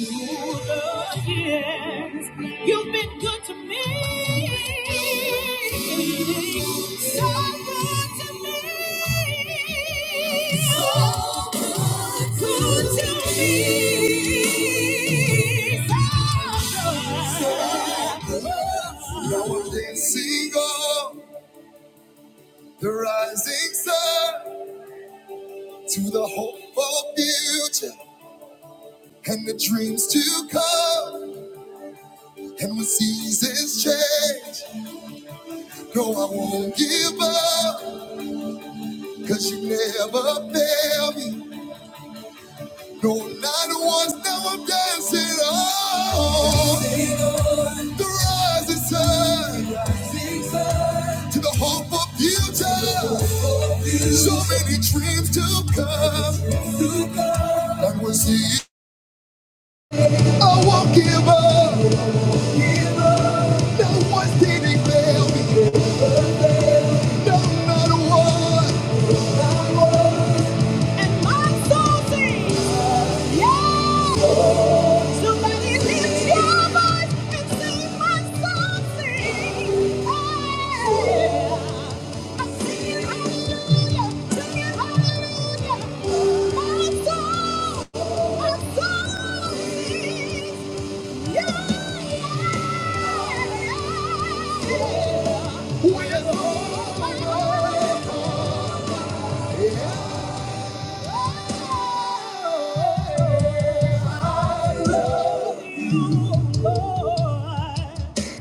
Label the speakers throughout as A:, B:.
A: Yes, You've been good to me. So good to me. So good to me. So good. Now I'm dancing on the rising sun to the hopeful future and the dreams to come. And when seasons change. No, I won't give up, cause you never fail me. No, not once, now I'm dancing on the rising sun to the hope of future. So many dreams to come, I will see. I won't give up, no one's did fail me. No, not one. And my soul sings, yeah. Somebody lift your voice and sing my soul sings. Yeah. I'm singing hallelujah, singing hallelujah. My soul, my soul sings, yeah. yeah, yeah. With all my I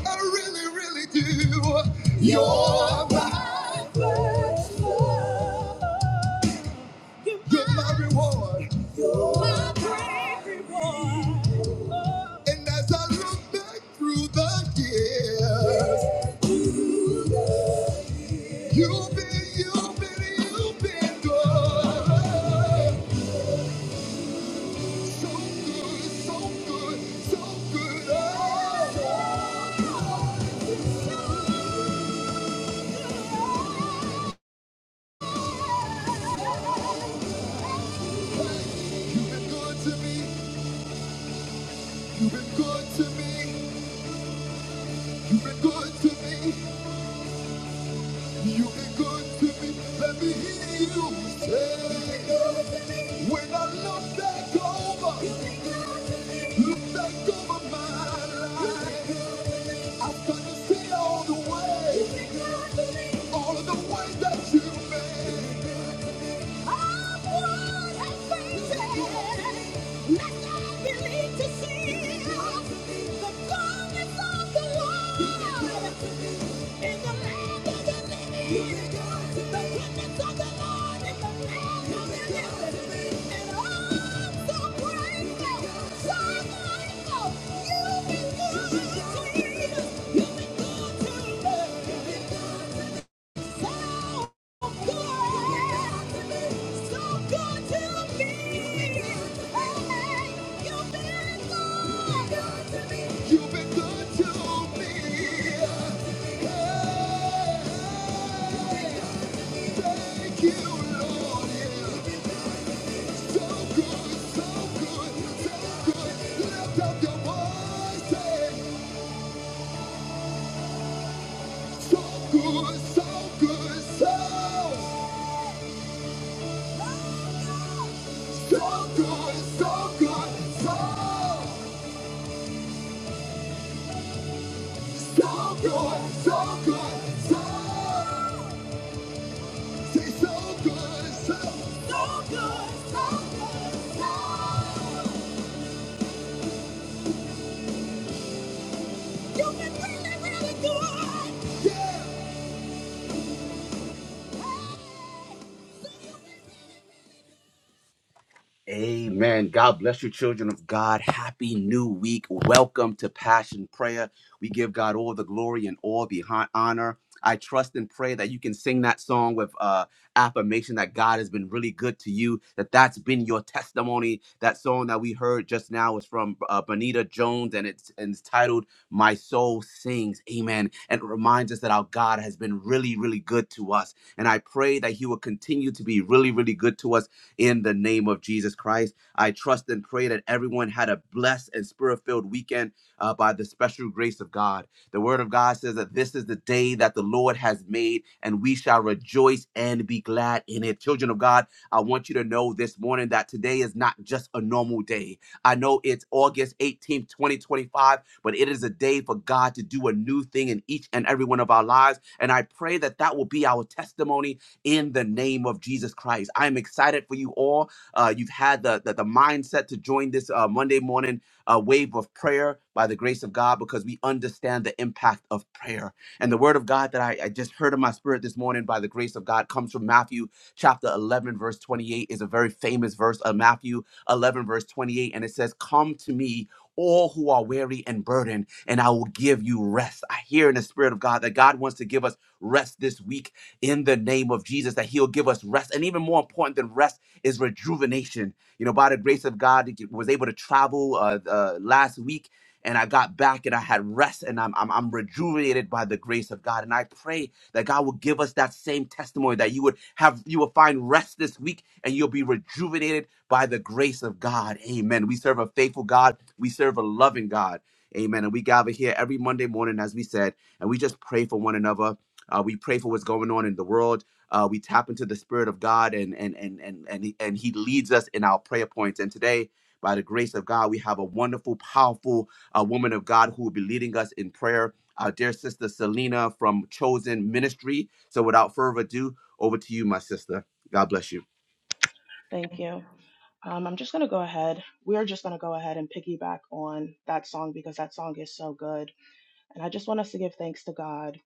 A: really, really do. You're my first love. You're my reward. My praise. And as I look back through the years, you've been, you've been, you've been good. So good, so good, so good. Oh. so good. You've been good to me. You've been good to me. You've been good to me. You've been good to me. Let me hear you say, when I look back over, look back over my life, I start to see all the ways, all of the ways that you made. You've been good to me. You've been good to me. You've been good to me. You've been good to me. Hey, thank you, Lord. Yeah. So good, so good, so good. Lift up your voice. Say, so good, so good, so. So good, so good, so, so good, so good, so. Say so good, so, so good, so. You've been really, really good. Amen. God bless you, children of God. Happy new week. Welcome to Passion Prayer. We give God all the glory and all the hon- honor. I trust and pray that you can sing that song with uh, affirmation that God has been really good to you, that that's been your testimony. That song that we heard just now was from uh, Bonita Jones and it's, and it's titled My Soul Sings. Amen. And it reminds us that our God has been really, really good to us. And I pray that He will continue to be really, really good to us in the name of Jesus Christ. I trust and pray that everyone had a blessed and spirit filled weekend uh, by the special grace of God. The Word of God says that this is the day that the Lord has made, and we shall rejoice and be glad in it. Children of God, I want you to know this morning that today is not just a normal day. I know it's August 18th, 2025, but it is a day for God to do a new thing in each and every one of our lives. And I pray that that will be our testimony in the name of Jesus Christ. I am excited for you all. Uh, you've had the, the, the mindset to join this uh, Monday morning uh, wave of prayer by the grace of God because we understand the impact of prayer. And the word of God that I, I just heard in my spirit this morning by the grace of God comes from Matthew chapter 11, verse 28 is a very famous verse of Matthew 11, verse 28. And it says, come to me, all who are weary and burdened, and I will give you rest. I hear in the spirit of God that God wants to give us rest this week in the name of Jesus, that He'll give us rest. And even more important than rest is rejuvenation. You know, by the grace of God, I was able to travel uh, uh, last week and I got back and I had rest and I'm, I'm, I'm rejuvenated by the grace of God. And I pray that God will give us that same testimony that you would have, you will find rest this week and you'll be rejuvenated by the grace of God. Amen. We serve a faithful God. We serve a loving God. Amen. And we gather here every Monday morning, as we said, and we just pray for one another uh, we pray for what's going on in the world. Uh, we tap into the Spirit of God, and and and and and he, and he leads us in our prayer points. And today, by the grace of God, we have a wonderful, powerful uh, woman of God who will be leading us in prayer. Our dear sister Selena from Chosen Ministry. So, without further ado, over to you, my sister. God bless you.
B: Thank you. Um, I'm just going to go ahead. We're just going to go ahead and piggyback on that song because that song is so good. And I just want us to give thanks to God.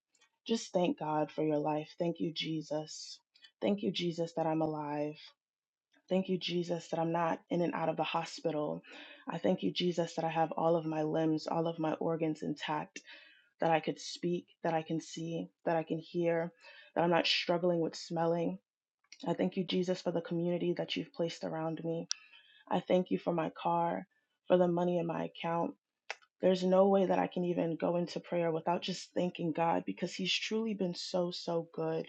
B: Just thank God for your life. Thank you, Jesus. Thank you, Jesus, that I'm alive. Thank you, Jesus, that I'm not in and out of the hospital. I thank you, Jesus, that I have all of my limbs, all of my organs intact, that I could speak, that I can see, that I can hear, that I'm not struggling with smelling. I thank you, Jesus, for the community that you've placed around me. I thank you for my car, for the money in my account. There's no way that I can even go into prayer without just thanking God because He's truly been so, so good.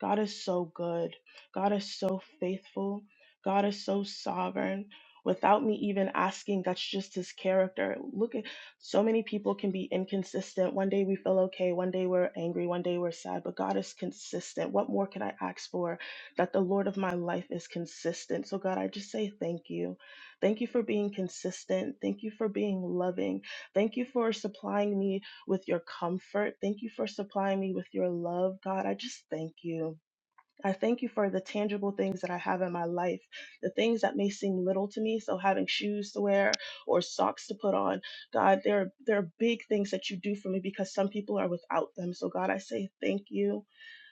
B: God is so good. God is so faithful. God is so sovereign. Without me even asking, that's just His character. Look at so many people can be inconsistent. One day we feel okay, one day we're angry, one day we're sad, but God is consistent. What more can I ask for? That the Lord of my life is consistent. So, God, I just say thank you. Thank you for being consistent. Thank you for being loving. Thank you for supplying me with your comfort. Thank you for supplying me with your love, God. I just thank you. I thank you for the tangible things that I have in my life, the things that may seem little to me. So having shoes to wear or socks to put on, God, there are, there are big things that you do for me because some people are without them. So God, I say thank you.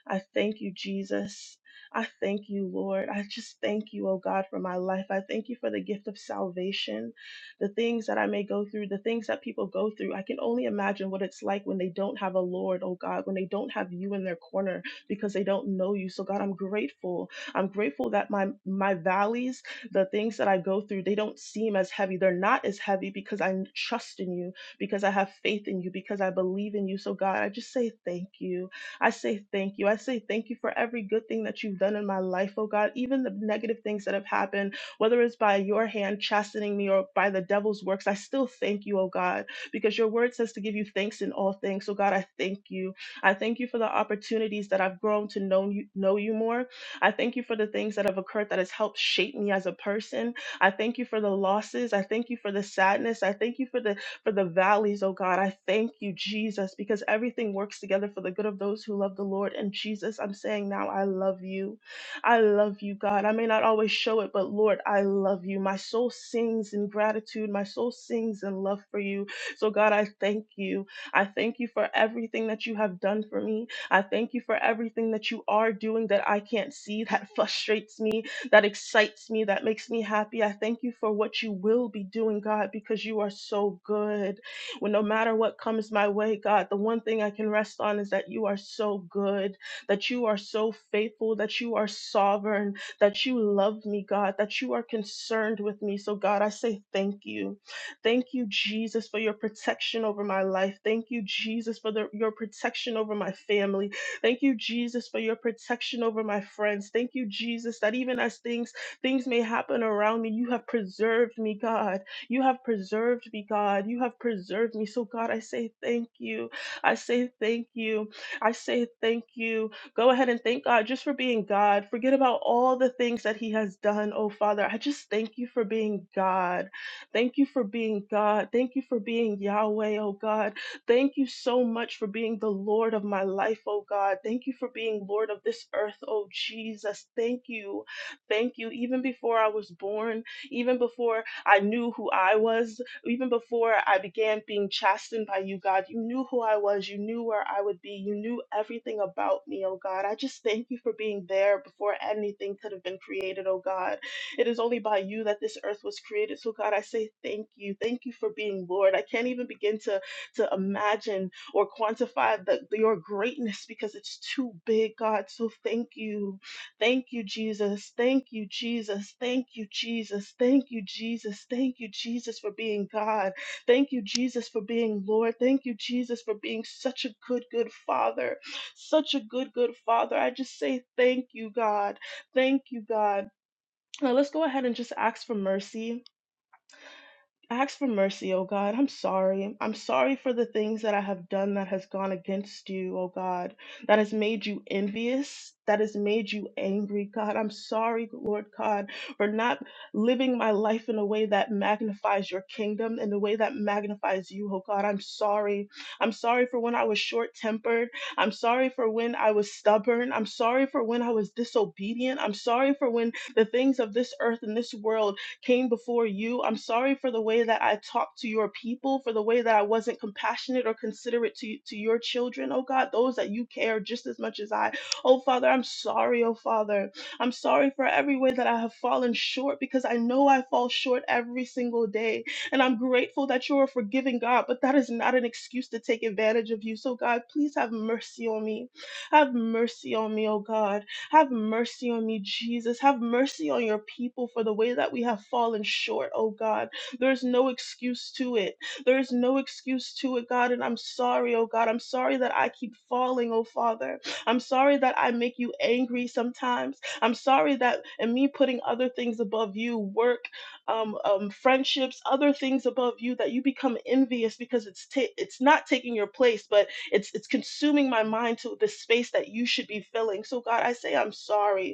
B: I thank you, Jesus. I thank you, Lord. I just thank you, oh God, for my life. I thank you for the gift of salvation, the things that I may go through, the things that people go through. I can only imagine what it's like when they don't have a Lord, oh God, when they don't have you in their corner because they don't know you. So God, I'm grateful. I'm grateful that my my valleys, the things that I go through, they don't seem as heavy. They're not as heavy because I trust in you, because I have faith in you, because I believe in you. So God, I just say thank you. I say thank you. I say thank you for every good thing that you've done in my life, oh God, even the negative things that have happened, whether it's by your hand chastening me or by the devil's works. I still thank you, oh God, because your word says to give you thanks in all things. So God, I thank you. I thank you for the opportunities that I've grown to know you, know you more. I thank you for the things that have occurred that has helped shape me as a person. I thank you for the losses. I thank you for the sadness. I thank you for the for the valleys, oh God. I thank you, Jesus, because everything works together for the good of those who love the Lord. And Jesus, I'm saying now, I love you. I love you, God. I may not always show it, but Lord, I love you. My soul sings in gratitude. My soul sings in love for you. So, God, I thank you. I thank you for everything that you have done for me. I thank you for everything that you are doing that I can't see that frustrates me that excites me, that makes me happy. I thank you for what you will be doing, God, because you are so good. When no matter what comes my way, God, the one thing I can rest on is that you are so good, that you are so faithful, that you are sovereign, that you love me, God, that you are concerned with me. So, God, I say thank you. Thank you, Jesus, for your protection over my life. Thank you, Jesus, for the, your protection over my family. Thank you, Jesus, for your protection over my friends. Thank you, Jesus, that even as things things may happen around me, you have preserved me, God. You have preserved me, God. You have preserved me. So, God, I say thank you. I say thank you. I say thank you. Go ahead and thank God just for being God. Forget about all the things that He has done, oh Father. I just thank you for being God. Thank you for being God. Thank you for being Yahweh, oh God. Thank you so much for being the Lord of my life, oh God. Thank you for being Lord of this earth, oh Jesus. Thank you. Thank you. Even before I was born, even before I knew who I was, even before I began being chastened by you, God, you knew who I was. You knew where I would be. You knew everything about me, oh God. I just thank you for being there before anything could have been created, oh God. It is only by you that this earth was created. So, God, I say thank you. Thank you for being Lord. I can't even begin to to imagine or quantify the, your greatness because it's too big, God. So thank you. Thank you, Jesus. Thank you, Jesus. Thank you, Jesus. Thank you, Jesus. Thank you, Jesus, for being God. Thank you, Jesus, for being Lord. Thank you, Jesus, for being such a good, good Father. Such a good, good Father. I just say thank you, God. Thank you, God. Now let's go ahead and just ask for mercy I ask for mercy, O God. I'm sorry. I'm sorry for the things that I have done that has gone against you, O God, that has made you envious, that has made you angry, God. I'm sorry, Lord God, for not living my life in a way that magnifies your kingdom, in a way that magnifies you, O God. I'm sorry. I'm sorry for when I was short tempered. I'm sorry for when I was stubborn. I'm sorry for when I was disobedient. I'm sorry for when the things of this earth and this world came before you. I'm sorry for the way that I talked to your people, for the way that I wasn't compassionate or considerate to, to your children, oh God, those that you care just as much as I. Oh Father, I'm sorry, oh Father. I'm sorry for every way that I have fallen short because I know I fall short every single day. And I'm grateful that you're a forgiving God, but that is not an excuse to take advantage of you. So, God, please have mercy on me. Have mercy on me, oh God. Have mercy on me, Jesus. Have mercy on your people for the way that we have fallen short, oh God. There's no excuse to it. There is no excuse to it, God. And I'm sorry, oh God. I'm sorry that I keep falling, oh Father. I'm sorry that I make you angry sometimes. I'm sorry that, and me putting other things above you, work, um, um, friendships, other things above you, that you become envious because it's ta- it's not taking your place, but it's it's consuming my mind to the space that you should be filling. So God, I say I'm sorry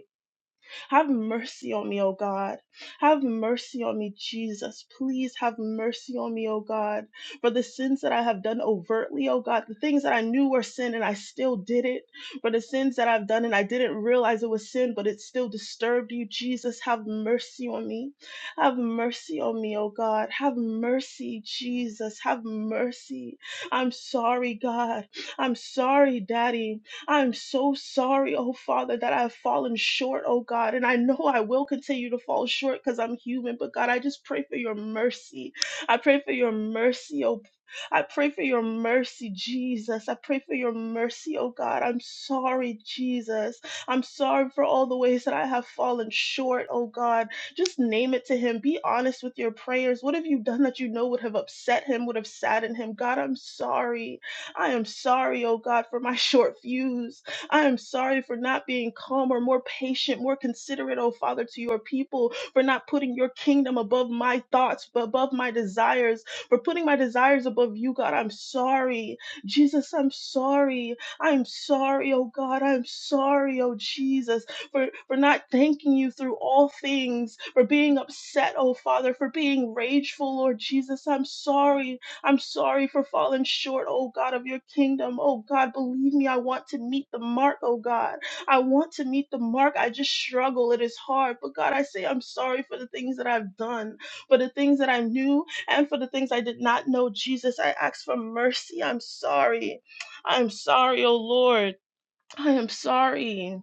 B: have mercy on me, O God. Have mercy on me, Jesus. Please have mercy on me, O God, for the sins that I have done overtly, O God, the things that I knew were sin and I still did it, for the sins that I've done and I didn't realize it was sin, but it still disturbed you, Jesus. Have mercy on me. Have mercy on me, O God. Have mercy, Jesus. Have mercy. I'm sorry, God. I'm sorry, Daddy. I'm so sorry, oh Father, that I've fallen short, oh God. And I know I will continue to fall short because I'm human, but God, I just pray for your mercy. I pray for your mercy, oh I pray for your mercy, Jesus. I pray for your mercy, oh God. I'm sorry, Jesus. I'm sorry for all the ways that I have fallen short, oh God. Just name it to Him. Be honest with your prayers. What have you done that you know would have upset Him, would have saddened Him? God, I'm sorry. I am sorry, oh God, for my short fuse. I am sorry for not being calmer, more patient, more considerate, oh Father, to your people, for not putting your kingdom above my thoughts, but above my desires, for putting my desires above you, God. I'm sorry. Jesus, I'm sorry. I'm sorry, oh God. I'm sorry, oh Jesus, for, for not thanking you through all things, for being upset, oh Father, for being rageful, Lord Jesus. I'm sorry I'm sorry for falling short, oh God, of your kingdom. Oh God, believe me, I want to meet the mark, oh God. I want to meet the mark. I just struggle. It is hard. But God, I say I'm sorry for the things that I've done, for the things that I knew, and for the things I did not know. Jesus, I ask for mercy. I'm sorry. I'm sorry, oh Lord. I am sorry.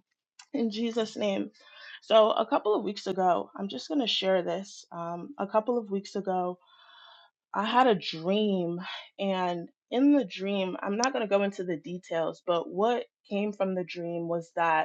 B: In Jesus' name. So, a couple of weeks ago, I'm just going to share this. Um, a couple of weeks ago, I had a dream, and in the dream, I'm not going to go into the details, but what came from the dream was that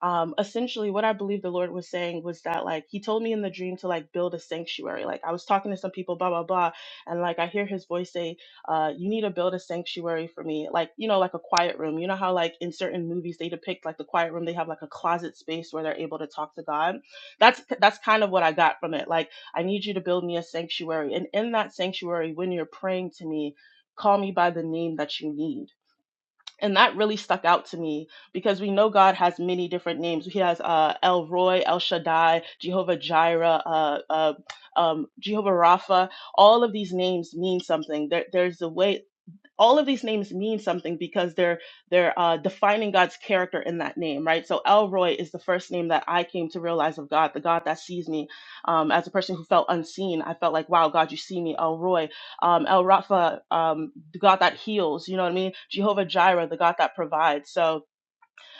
B: um essentially what i believe the lord was saying was that like he told me in the dream to like build a sanctuary like i was talking to some people blah blah blah and like i hear his voice say uh you need to build a sanctuary for me like you know like a quiet room you know how like in certain movies they depict like the quiet room they have like a closet space where they're able to talk to god that's that's kind of what i got from it like i need you to build me a sanctuary and in that sanctuary when you're praying to me call me by the name that you need and that really stuck out to me because we know God has many different names. He has uh, El Roy, El Shaddai, Jehovah Jireh, uh, uh, um, Jehovah Rapha. All of these names mean something. There, there's a way all of these names mean something because they're they're uh, defining God's character in that name, right? So Elroy is the first name that I came to realize of God, the God that sees me. Um, as a person who felt unseen, I felt like, wow, God, you see me, Elroy, um, El Rafa, um, the God that heals, you know what I mean? Jehovah Jireh, the God that provides. So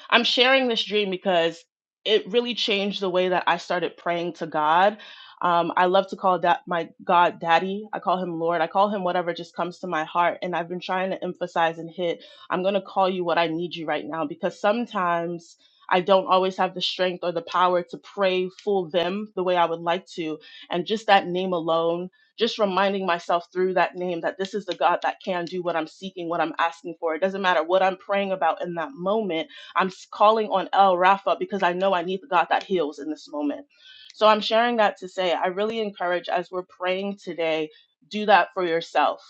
B: I'm sharing this dream because it really changed the way that I started praying to God. Um, I love to call that my God Daddy. I call him Lord. I call him whatever just comes to my heart. And I've been trying to emphasize and hit I'm going to call you what I need you right now because sometimes I don't always have the strength or the power to pray full them the way I would like to. And just that name alone, just reminding myself through that name that this is the God that can do what I'm seeking, what I'm asking for. It doesn't matter what I'm praying about in that moment I'm calling on El Rafa because I know I need the God that heals in this moment. So I'm sharing that to say I really encourage as we're praying today, do that for yourself.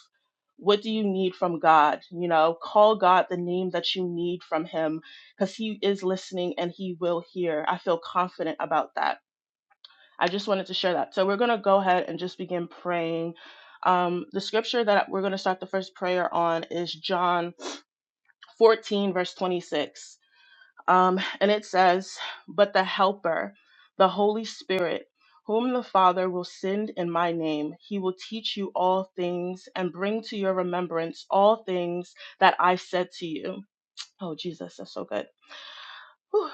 B: What do you need from God? You know, call God the name that you need from Him because He is listening and He will hear. I feel confident about that. I just wanted to share that. So we're going to go ahead and just begin praying. Um, the scripture that we're going to start the first prayer on is John 14, verse 26. Um, and it says, But the Helper, the Holy Spirit, whom the Father will send in my name, he will teach you all things and bring to your remembrance all things that I said to you. Oh, Jesus, that's so good. Whew.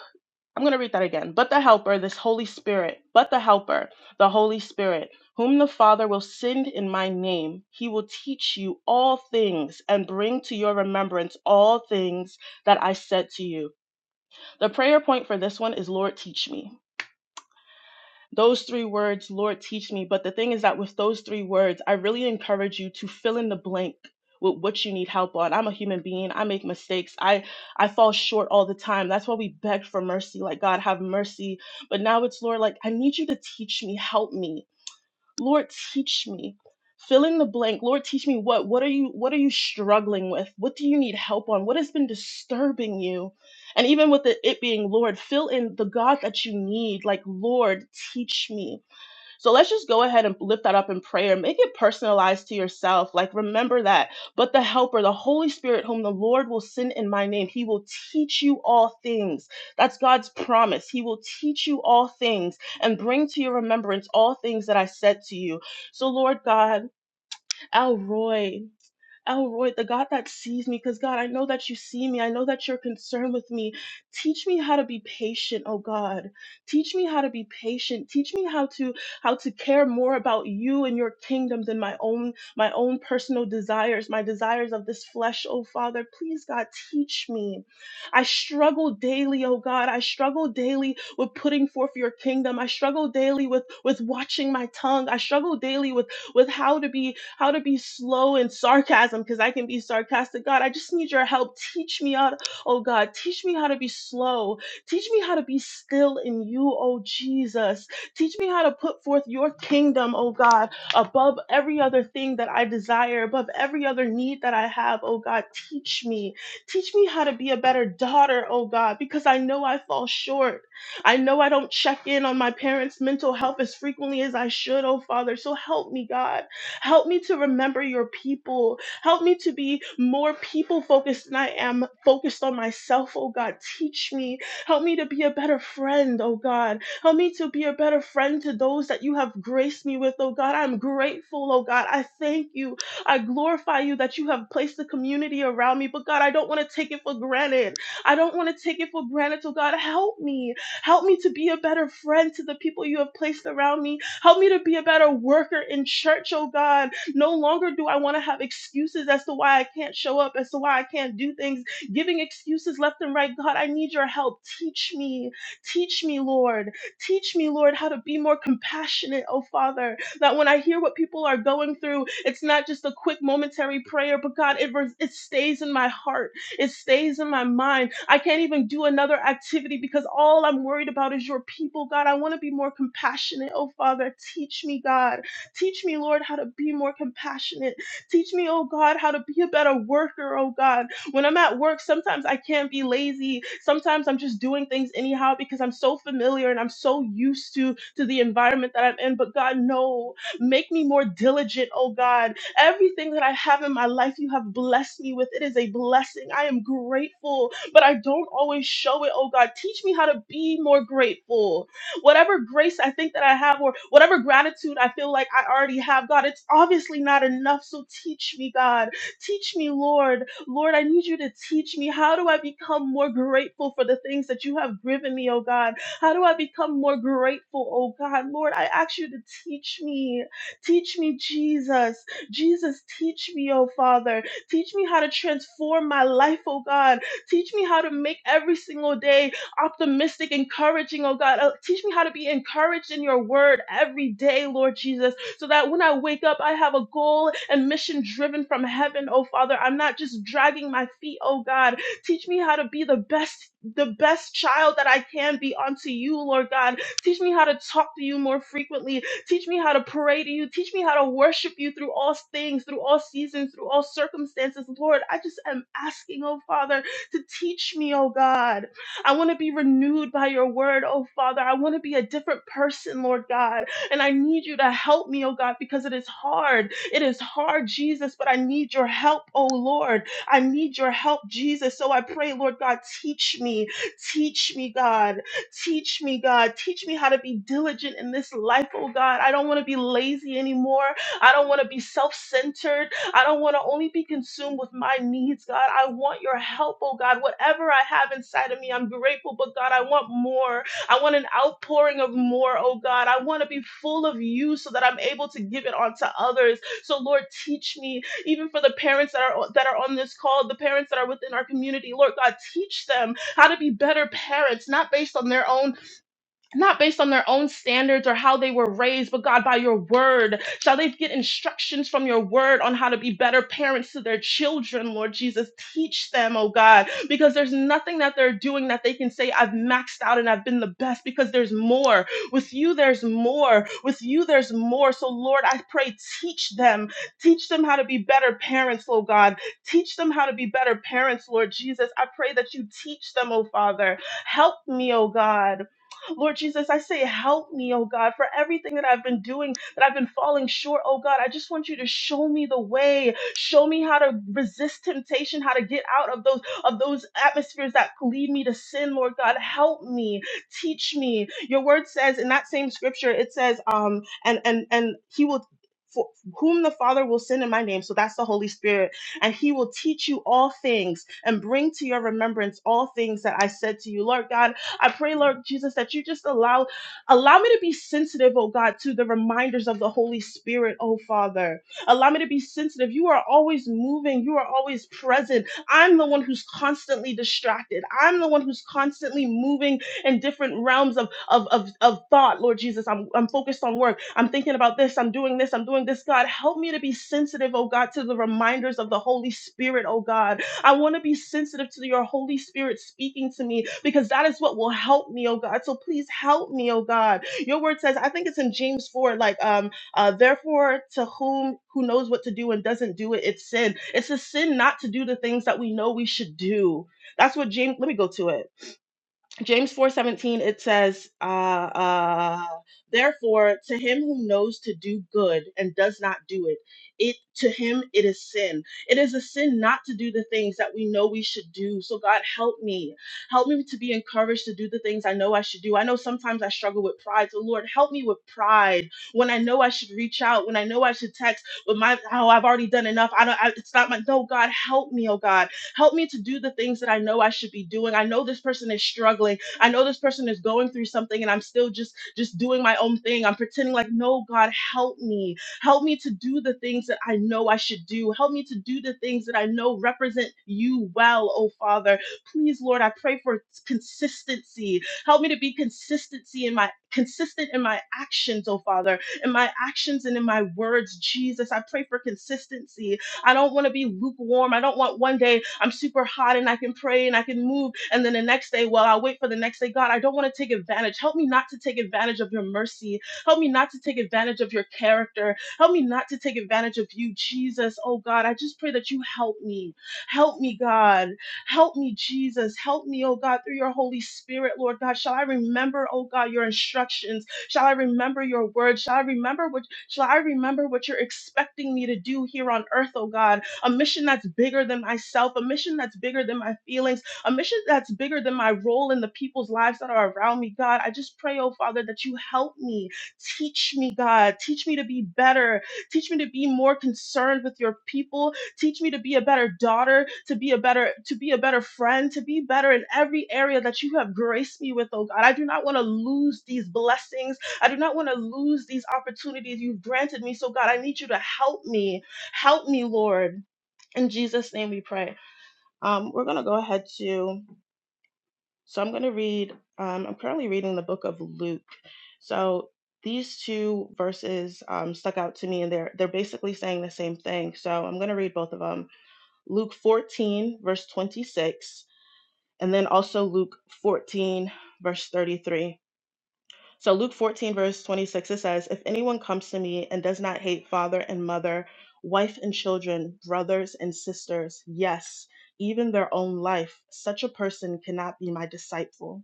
B: I'm going to read that again. But the Helper, this Holy Spirit, but the Helper, the Holy Spirit, whom the Father will send in my name, he will teach you all things and bring to your remembrance all things that I said to you the prayer point for this one is Lord, teach me. Those three words, Lord, teach me. But the thing is that with those three words, I really encourage you to fill in the blank with what you need help on. I'm a human being. I make mistakes. I I fall short all the time. That's why we beg for mercy. Like God have mercy. But now it's Lord like I need you to teach me, help me. Lord, teach me. Fill in the blank. Lord, teach me what what are you what are you struggling with? What do you need help on? What has been disturbing you? And even with the, it being Lord, fill in the God that you need. Like Lord, teach me. So let's just go ahead and lift that up in prayer. Make it personalized to yourself. Like, remember that. But the Helper, the Holy Spirit, whom the Lord will send in my name, he will teach you all things. That's God's promise. He will teach you all things and bring to your remembrance all things that I said to you. So, Lord God, Elroy. Elroy, the God that sees me, because God, I know that you see me. I know that you're concerned with me. Teach me how to be patient, oh God. Teach me how to be patient. Teach me how to how to care more about you and your kingdom than my own my own personal desires, my desires of this flesh, oh Father. Please, God, teach me. I struggle daily, oh God. I struggle daily with putting forth your kingdom. I struggle daily with with watching my tongue. I struggle daily with with how to be how to be slow in sarcasm because I can be sarcastic. God, I just need your help. Teach me how to, oh God, teach me how to be slow. Teach me how to be still in you, oh Jesus. Teach me how to put forth your kingdom, oh God, above every other thing that I desire, above every other need that I have, oh God. Teach me. Teach me how to be a better daughter, oh God, because I know I fall short. I know I don't check in on my parents' mental health as frequently as I should, oh Father. So help me, God. Help me to remember your people. Help me to be more people focused than I am focused on myself, oh God. Teach me. Help me to be a better friend, oh God. Help me to be a better friend to those that you have graced me with, oh God. I'm grateful, oh God. I thank you. I glorify you that you have placed the community around me. But God, I don't want to take it for granted. I don't want to take it for granted, oh God. Help me. Help me to be a better friend to the people you have placed around me. Help me to be a better worker in church, oh God. No longer do I want to have excuses as to why I can't show up, as to why I can't do things, giving excuses left and right. God, I need your help. Teach me. Teach me, Lord. Teach me, Lord, how to be more compassionate, oh Father that when I hear what people are going through, it's not just a quick momentary prayer, but God, it, res- it stays in my heart. It stays in my mind I can't even do another activity because all I'm worried about is your people, God. I want to be more compassionate. Oh, Father, teach me, God. Teach me, Lord, how to be more compassionate. Teach me, oh, God, how to be a better worker, oh, God. When I'm at work, sometimes I can't be lazy. Sometimes I'm just doing things anyhow because I'm so familiar and I'm so used to, to the environment that I'm in. But, God, no. Make me more diligent, oh, God. Everything that I have in my life, you have blessed me with. It is a blessing. I am grateful but I don't always show it. Oh God, teach me how to be more grateful. Whatever grace I think that I have, or whatever gratitude I feel like I already have, God, it's obviously not enough. So teach me, God. Teach me, Lord. Lord, I need you to teach me. How do I become more grateful for the things that you have given me, oh God? How do I become more grateful, oh God? Lord, I ask you to teach me. Teach me, Jesus. Jesus, teach me, oh Father. Teach me how to transform my life, oh God. Teach me how to make every single day optimistic, encouraging, oh God. Uh, Teach me how to be encouraged in your word every day, Lord Jesus, so that when I wake up, I have a goal and mission driven from heaven, oh Father. I'm not just dragging my feet, oh God. Teach me how to be the best. The best child that I can be unto you, Lord God. Teach me how to talk to you more frequently. Teach me how to pray to you. Teach me how to worship you through all things, through all seasons, through all circumstances. Lord, I just am asking, oh Father, to teach me, oh God. I want to be renewed by your word, oh Father. I want to be a different person, Lord God. And I need you to help me, oh God, because it is hard. It is hard, Jesus, but I need your help, oh Lord. I need your help, Jesus. So I pray, Lord God, teach me, teach me, God, teach me, God, teach me how to be diligent in this life, oh God. I don't want to be lazy anymore. I don't want to be self centered. I don't want to only be consumed with my needs, God. I want your help, oh God. Whatever I have inside of me, I'm grateful, but God, I want more. I want an outpouring of more, oh God. I want to be full of you so that I'm able to give it on to others. So Lord, teach me, even for the parents that are that are on this call, the parents that are within our community, Lord God, teach them how to be better parents, not based on their own not based on their own standards or how they were raised, but God, by your word, shall they get instructions from your word on how to be better parents to their children, Lord Jesus? Teach them, oh God, because there's nothing that they're doing that they can say, I've maxed out and I've been the best, because there's more. With you, there's more. With you, there's more. So, Lord, I pray, teach them. Teach them how to be better parents, oh God. Teach them how to be better parents, Lord Jesus. I pray that you teach them, oh Father. Help me, oh God. Lord Jesus, I say, help me, oh God, for everything that I've been doing, that I've been falling short, oh God. I just want you to show me the way. Show me how to resist temptation, how to get out of those of those atmospheres that lead me to sin, Lord God. Help me. Teach me. Your word says in that same scripture, it says, um, and and and he will for whom the Father will send in my name. So that's the Holy Spirit. And he will teach you all things and bring to your remembrance all things that I said to you. Lord God, I pray, Lord Jesus, that you just allow allow me to be sensitive, oh God, to the reminders of the Holy Spirit, oh Father. Allow me to be sensitive. You are always moving, you are always present. I'm the one who's constantly distracted. I'm the one who's constantly moving in different realms of of of, of thought, Lord Jesus. I'm I'm focused on work. I'm thinking about this, I'm doing this, I'm doing this. God, help me to be sensitive, oh God, to the reminders of the Holy Spirit, oh God. I want to be sensitive to your Holy Spirit speaking to me because that is what will help me, oh God. So please help me, oh God. Your word says, I think it's in James 4, like, um, uh, therefore, to whom who knows what to do and doesn't do it, it's sin. It's a sin not to do the things that we know we should do. That's what James, let me go to it. James 4:17 it says uh, uh therefore to him who knows to do good and does not do it it to him it is sin it is a sin not to do the things that we know we should do so God help me help me to be encouraged to do the things I know I should do I know sometimes I struggle with pride so Lord help me with pride when I know I should reach out when I know I should text with my oh I've already done enough I don't I, it's not my no God help me oh God Help me to do the things that I know I should be doing. I know this person is struggling. I know this person is going through something and I'm still just just doing my own thing. I'm pretending like, "No, God, help me. Help me to do the things that I know I should do. Help me to do the things that I know represent you well, oh Father. Please, Lord, I pray for consistency. Help me to be consistency in my consistent in my actions, oh Father, in my actions and in my words, Jesus. I pray for consistency. I don't want to be lukewarm. I don't want one day I'm super hot and I can pray and I can move. And then the next day, well, I'll wait for the next day. God, I don't want to take advantage. Help me not to take advantage of your mercy. Help me not to take advantage of your character. Help me not to take advantage of you, Jesus. Oh, God, I just pray that you help me. Help me, God. Help me, Jesus. Help me, oh, God, through your Holy Spirit, Lord God. Shall I remember, oh, God, your instructions? Shall I remember your word? Shall I remember what shall I remember what you're expecting me to do here on earth, oh God? a mission that's bigger than myself, a mission that's bigger than my feelings, a mission that's bigger than my role in the people's lives that are around me, God. I just pray, oh Father, that you help me. Teach me, God. Teach me to be better. Teach me to be more concerned with your people. Teach me to be a better daughter, to be a better, to be a better friend, to be better in every area that you have graced me with, oh God. I do not want to lose these blessings. I do not want to lose these opportunities you've granted me. So God, I need you to help me. Help me, Lord. In Jesus' name we pray. Um, we're going to go ahead to, so I'm going to read, um, I'm currently reading the book of Luke. So these two verses um, stuck out to me, and they're, they're basically saying the same thing. So I'm going to read both of them Luke 14, verse 26, and then also Luke 14, verse 33. So Luke 14, verse 26, it says, If anyone comes to me and does not hate father and mother, wife and children, brothers and sisters, yes, even their own life, such a person cannot be my disciple.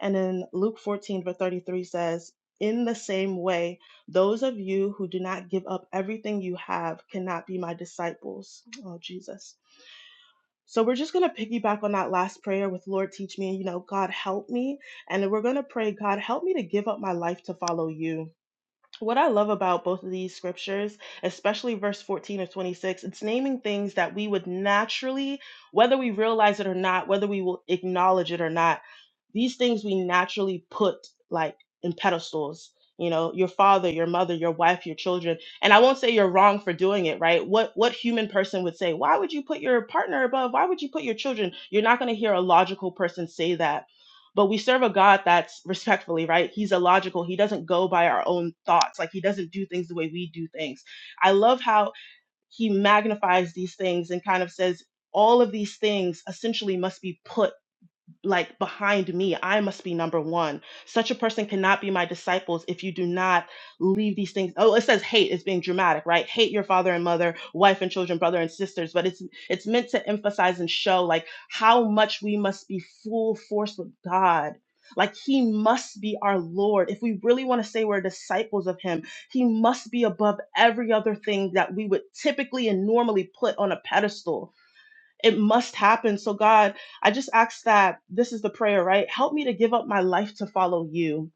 B: And then Luke 14, verse 33 says, In the same way, those of you who do not give up everything you have cannot be my disciples. Oh, Jesus. So we're just going to piggyback on that last prayer with Lord, teach me, you know, God, help me. And we're going to pray, God, help me to give up my life to follow you. What I love about both of these scriptures, especially verse 14 or 26, it's naming things that we would naturally, whether we realize it or not, whether we will acknowledge it or not, these things we naturally put like in pedestals you know your father your mother your wife your children and i won't say you're wrong for doing it right what what human person would say why would you put your partner above why would you put your children you're not going to hear a logical person say that but we serve a god that's respectfully right he's illogical he doesn't go by our own thoughts like he doesn't do things the way we do things i love how he magnifies these things and kind of says all of these things essentially must be put like behind me. I must be number one. Such a person cannot be my disciples if you do not leave these things. Oh, it says hate is being dramatic, right? Hate your father and mother, wife and children, brother and sisters. But it's it's meant to emphasize and show like how much we must be full force with God. Like he must be our Lord. If we really want to say we're disciples of him, he must be above every other thing that we would typically and normally put on a pedestal it must happen. So, God, I just ask that this is the prayer, right? Help me to give up my life to follow you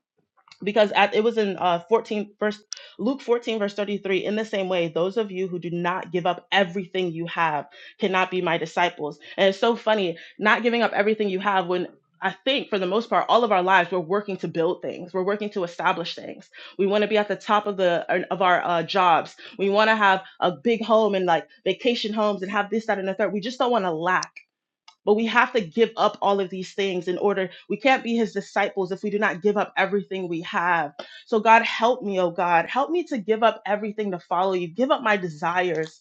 B: because at, it was in uh 14 verse luke 14 verse 33 in the same way those of you who do not give up everything you have cannot be my disciples and it's so funny not giving up everything you have when I think for the most part, all of our lives, we're working to build things. We're working to establish things. We want to be at the top of the of our uh, jobs. We want to have a big home and like vacation homes and have this, that, and the third. We just don't want to lack but we have to give up all of these things in order. We can't be his disciples if we do not give up everything we have. So, God, help me, oh God. Help me to give up everything to follow you. Give up my desires.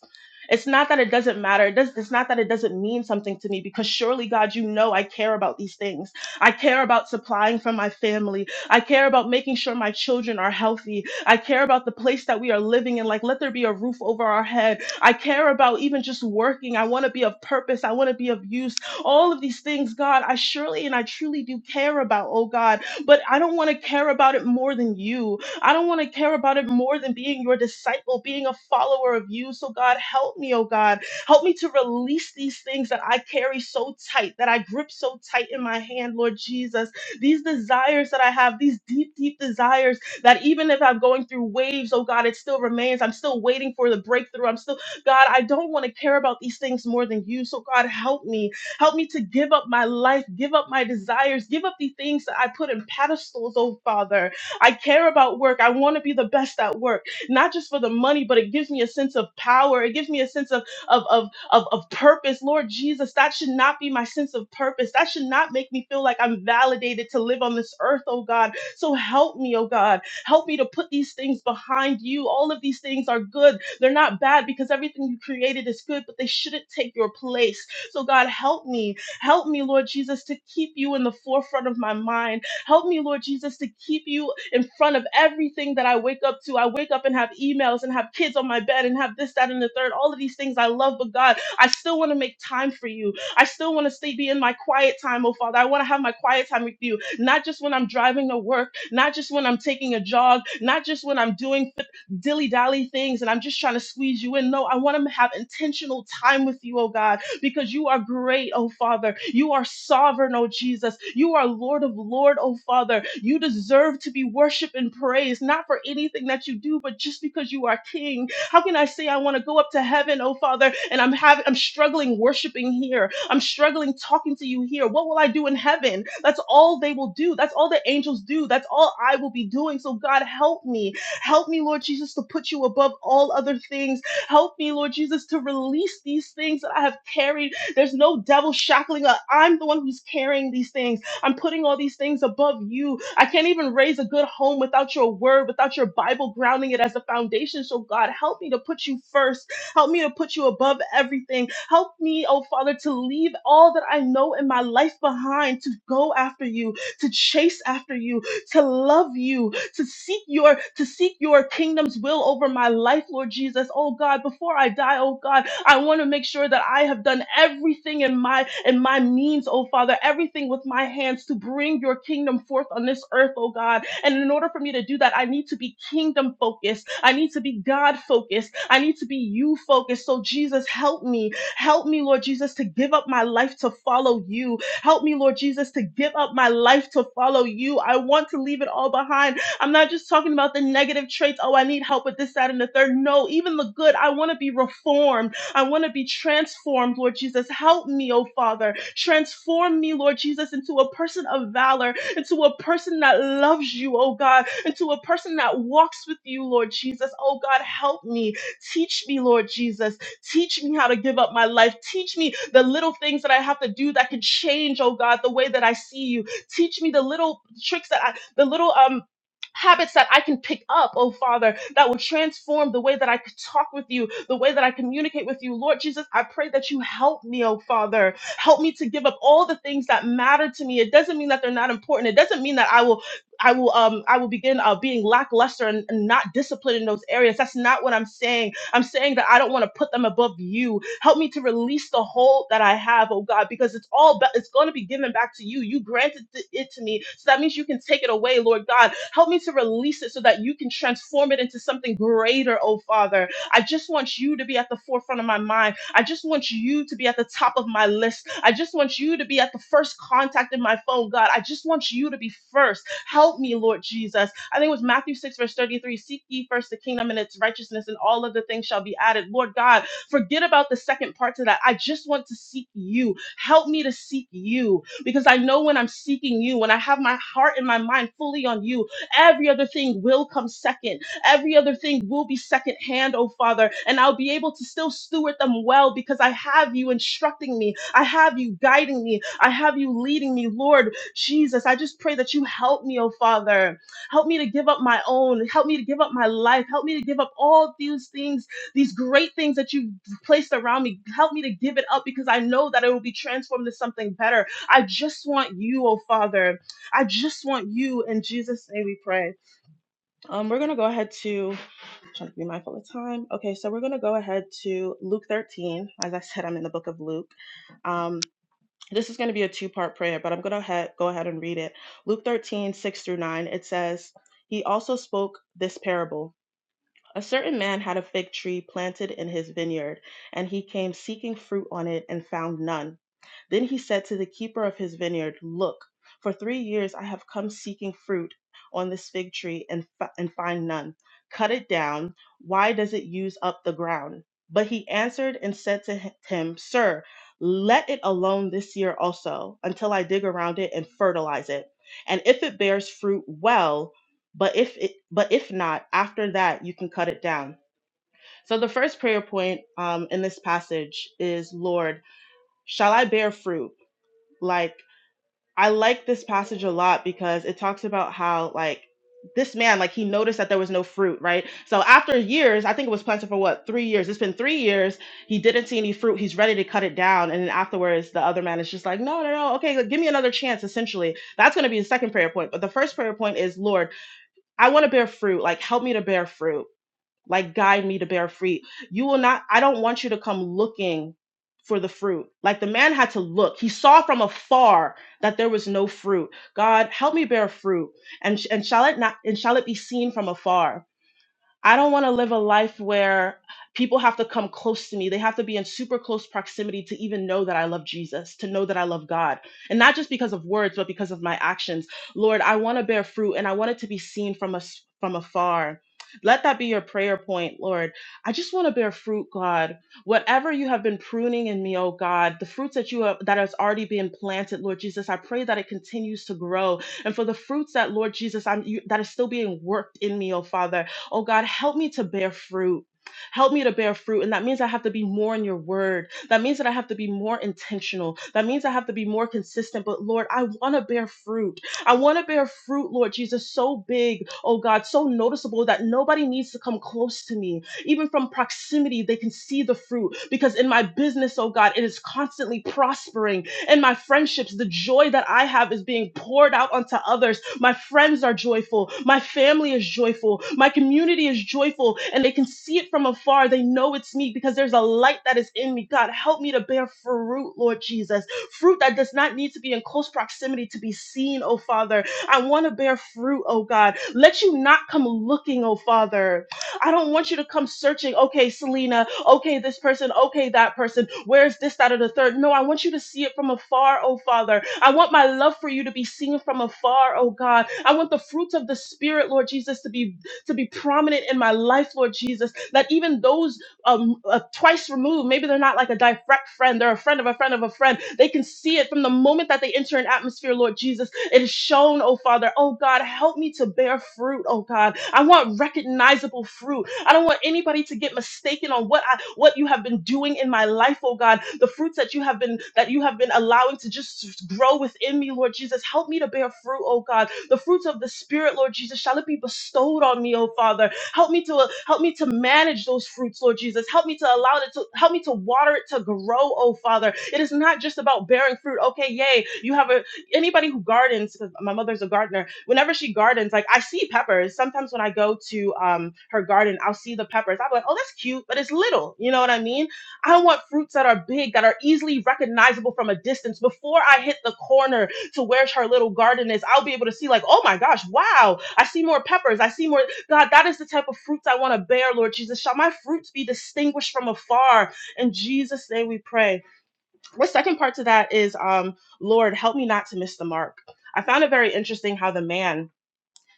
B: It's not that it doesn't matter. It does, it's not that it doesn't mean something to me because surely, God, you know I care about these things. I care about supplying for my family. I care about making sure my children are healthy. I care about the place that we are living in. Like, let there be a roof over our head. I care about even just working. I want to be of purpose. I want to be of use all of these things, God, I surely and I truly do care about, oh God, but I don't want to care about it more than you. I don't want to care about it more than being your disciple, being a follower of you. So, God, help me, oh God. Help me to release these things that I carry so tight, that I grip so tight in my hand, Lord Jesus. These desires that I have, these deep, deep desires that even if I'm going through waves, oh God, it still remains. I'm still waiting for the breakthrough. I'm still, God, I don't want to care about these things more than you. So, God, help me. Help me to give up my life, give up my desires, give up the things that I put in pedestals, oh Father. I care about work. I want to be the best at work, not just for the money, but it gives me a sense of power. It gives me a sense of, of, of, of, of purpose. Lord Jesus, that should not be my sense of purpose. That should not make me feel like I'm validated to live on this earth, oh God. So help me, oh God. Help me to put these things behind you. All of these things are good. They're not bad because everything you created is good, but they shouldn't take your place. So, God, help me. Help me, Lord Jesus, to keep you in the forefront of my mind. Help me, Lord Jesus, to keep you in front of everything that I wake up to. I wake up and have emails and have kids on my bed and have this, that, and the third. All of these things I love, but God, I still want to make time for you. I still want to stay be in my quiet time, oh Father. I want to have my quiet time with you, not just when I'm driving to work, not just when I'm taking a jog, not just when I'm doing dilly dally things and I'm just trying to squeeze you in. No, I want to have intentional time with you, oh God because you are great, oh Father. You are sovereign, oh Jesus. You are Lord of Lord, oh Father. You deserve to be worshiped and praised, not for anything that you do, but just because you are King. How can I say I want to go up to heaven, oh Father, and I'm having I'm struggling worshiping here. I'm struggling talking to you here. What will I do in heaven? That's all they will do. That's all the angels do. That's all I will be doing. So God help me. Help me, Lord Jesus, to put you above all other things Help me, Lord Jesus, to release these things that I have carried. There's no devil shackling up. I'm the one who's carrying these things. I'm putting all these things above you. I can't even raise a good home without your word, without your Bible grounding it as a foundation. So, God, help me to put you first. Help me to put you above everything. Help me, oh Father, to leave all that I know in my life behind, to go after you, to chase after you, to love you, to seek your to seek your kingdom's will over my life, Lord Jesus. Oh God, before I die, oh God, I want to make sure that I have done everything in my in my means, oh Father, everything with my hands to bring your kingdom forth on this earth, oh God. And in order for me to do that, I need to be kingdom focused. I need to be God focused. I need to be you focused. So Jesus, help me. Help me, Lord Jesus, to give up my life to follow you. Help me, Lord Jesus, to give up my life to follow you. I want to leave it all behind. I'm not just talking about the negative traits. Oh, I need help with this, that, and the third. No, even the good. I want to be reformed. I want to be transformed, Lord Jesus. Help me, oh Father. Transform me, Lord Jesus, into a person of valor, into a person that loves you, oh God, into a person that walks with you, Lord Jesus. Oh God, help me. Teach me, Lord Jesus. Teach me how to give up my life. Teach me the little things that I have to do that can change, oh God, the way that I see you. Teach me the little tricks that I, the little um habits that I can pick up, oh Father, that will transform the way that I could talk with you, the way that I communicate with you. Lord Jesus, I pray that you help me, oh Father. Help me to give up all the things that matter to me. It doesn't mean that they're not important. It doesn't mean that I will I will um I will begin uh, being lackluster and, and not disciplined in those areas. That's not what I'm saying. I'm saying that I don't want to put them above you. Help me to release the hold that I have, oh God, because it's all ba- it's going to be given back to you. You granted th- it to me, so that means you can take it away, Lord God. Help me to release it so that you can transform it into something greater, oh Father. I just want you to be at the forefront of my mind. I just want you to be at the top of my list. I just want you to be at the first contact in my phone, God. I just want you to be first. Help me, Lord Jesus. I think it was Matthew 6, verse 33. Seek ye first the kingdom and its righteousness, and all other things shall be added. Lord God, Forget about the second part to that. I just want to seek you. Help me to seek you because I know when I'm seeking you, when I have my heart and my mind fully on you, every other thing will come second. Every other thing will be second hand, oh Father, and I'll be able to still steward them well because I have you instructing me. I have you guiding me. I have you leading me, Lord Jesus. I just pray that you help me, oh Father. Help me to give up my own. Help me to give up my life. Help me to give up all these things, these great things that you placed around me. Help me to give it up because I know that it will be transformed to something better. I just want you, oh Father. I just want you. In Jesus' name we pray. Um, we're gonna go ahead to I'm trying to be mindful of time. Okay, so we're gonna go ahead to Luke 13. As I said, I'm in the book of Luke. Um, this is going to be a two part prayer, but I'm going to ha- go ahead and read it. Luke 13:6 through 9, it says, He also spoke this parable. A certain man had a fig tree planted in his vineyard, and he came seeking fruit on it and found none. Then he said to the keeper of his vineyard, Look, for three years I have come seeking fruit on this fig tree and, fi- and find none. Cut it down. Why does it use up the ground? But he answered and said to h- him, Sir, let it alone this year also, until I dig around it and fertilize it. And if it bears fruit, well, but if it, but if not, after that you can cut it down. So the first prayer point um, in this passage is, Lord, shall I bear fruit? Like I like this passage a lot because it talks about how like this man like he noticed that there was no fruit right so after years i think it was planted for what three years it's been three years he didn't see any fruit he's ready to cut it down and then afterwards the other man is just like no no no okay like, give me another chance essentially that's going to be the second prayer point but the first prayer point is lord I want to bear fruit. Like, help me to bear fruit. Like, guide me to bear fruit. You will not, I don't want you to come looking for the fruit. Like, the man had to look. He saw from afar that there was no fruit. God, help me bear fruit. And, and shall it not, and shall it be seen from afar? I don't want to live a life where people have to come close to me. They have to be in super close proximity to even know that I love Jesus, to know that I love God. And not just because of words, but because of my actions. Lord, I want to bear fruit and I want it to be seen from us from afar. Let that be your prayer point, Lord. I just want to bear fruit, God. Whatever you have been pruning in me, oh God, the fruits that you have that has already been planted, Lord Jesus, I pray that it continues to grow. And for the fruits that, Lord Jesus, I'm you, that is still being worked in me, oh Father, Oh God, help me to bear fruit. Help me to bear fruit. And that means I have to be more in your word. That means that I have to be more intentional. That means I have to be more consistent. But Lord, I want to bear fruit. I want to bear fruit, Lord Jesus, so big, oh God, so noticeable that nobody needs to come close to me. Even from proximity, they can see the fruit because in my business, oh God, it is constantly prospering and my friendships, the joy that I have is being poured out onto others. My friends are joyful. My family is joyful. My community is joyful, and they can see it from afar. They know it's me because there's a light that is in me. God, help me to bear fruit, Lord Jesus. Fruit that does not need to be in close proximity to be seen, oh Father. I want to bear fruit, oh God. Let you not come looking, oh Father. I don't want you to come searching, okay, Selena, okay, this person, okay, that person, where's this, that, or the third. No, I want you to see it from afar, oh Father. I want my love for you to be seen from afar, oh God. I want the fruits of the Spirit, Lord Jesus, to be to be prominent in my life, Lord Jesus, that even those um, uh, twice removed. Maybe they're not like a direct friend. They're a friend of a friend of a friend. They can see it from the moment that they enter an atmosphere, Lord Jesus. It is shown, oh Father. Oh God, help me to bear fruit, oh God. I want recognizable fruit. I don't want anybody to get mistaken on what I, what you have been doing in my life, oh God. The fruits that you have been that you have been allowing to just grow within me, Lord Jesus. Help me to bear fruit, oh God. The fruits of the Spirit, Lord Jesus, shall it be bestowed on me, oh Father. Help me to uh, help me to manage those fruits, Lord Jesus. Help me to allow it to help me to water it to grow, oh Father. It is not just about bearing fruit. Okay, yay. You have a anybody who gardens, because my mother's a gardener, whenever she gardens, like I see peppers. Sometimes when I go to um her garden, I'll see the peppers. I'm like, oh, that's cute, but it's little. You know what I mean? I want fruits that are big, that are easily recognizable from a distance before I hit the corner to where her little garden is, I'll be able to see, like, oh my gosh, wow, I see more peppers. I see more. God, that is the type of fruits I want to bear, Lord Jesus. Shall my fruits be distinguished from afar? In Jesus' name we pray. The second part to that is, um, Lord, help me not to miss the mark. I found it very interesting how the man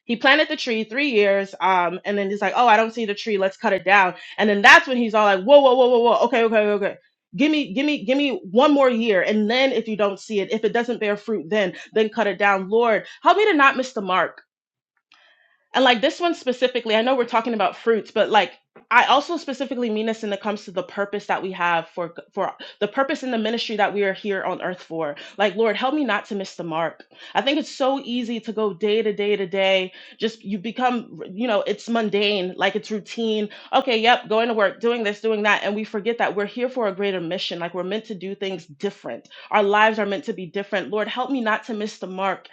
B: he planted the tree three years, um, and then he's like, "Oh, I don't see the tree. Let's cut it down." And then that's when he's all like, "Whoa, whoa, whoa, whoa, whoa. Okay, okay, okay. Give me, give me, give me one more year, and then if you don't see it, if it doesn't bear fruit, then then cut it down. Lord, help me to not miss the mark and like this one specifically, I know we're talking about fruits, but like I also specifically mean this when it comes to the purpose that we have for for the purpose in the ministry that we are here on earth for. Like, Lord, help me not to miss the mark. I think it's so easy to go day to day to day. Just you become, you know, it's mundane, like it's routine. Okay, yep, going to work, doing this, doing that, and we forget that we're here for a greater mission. Like we're meant to do things different. Our lives are meant to be different. Lord, help me not to miss the mark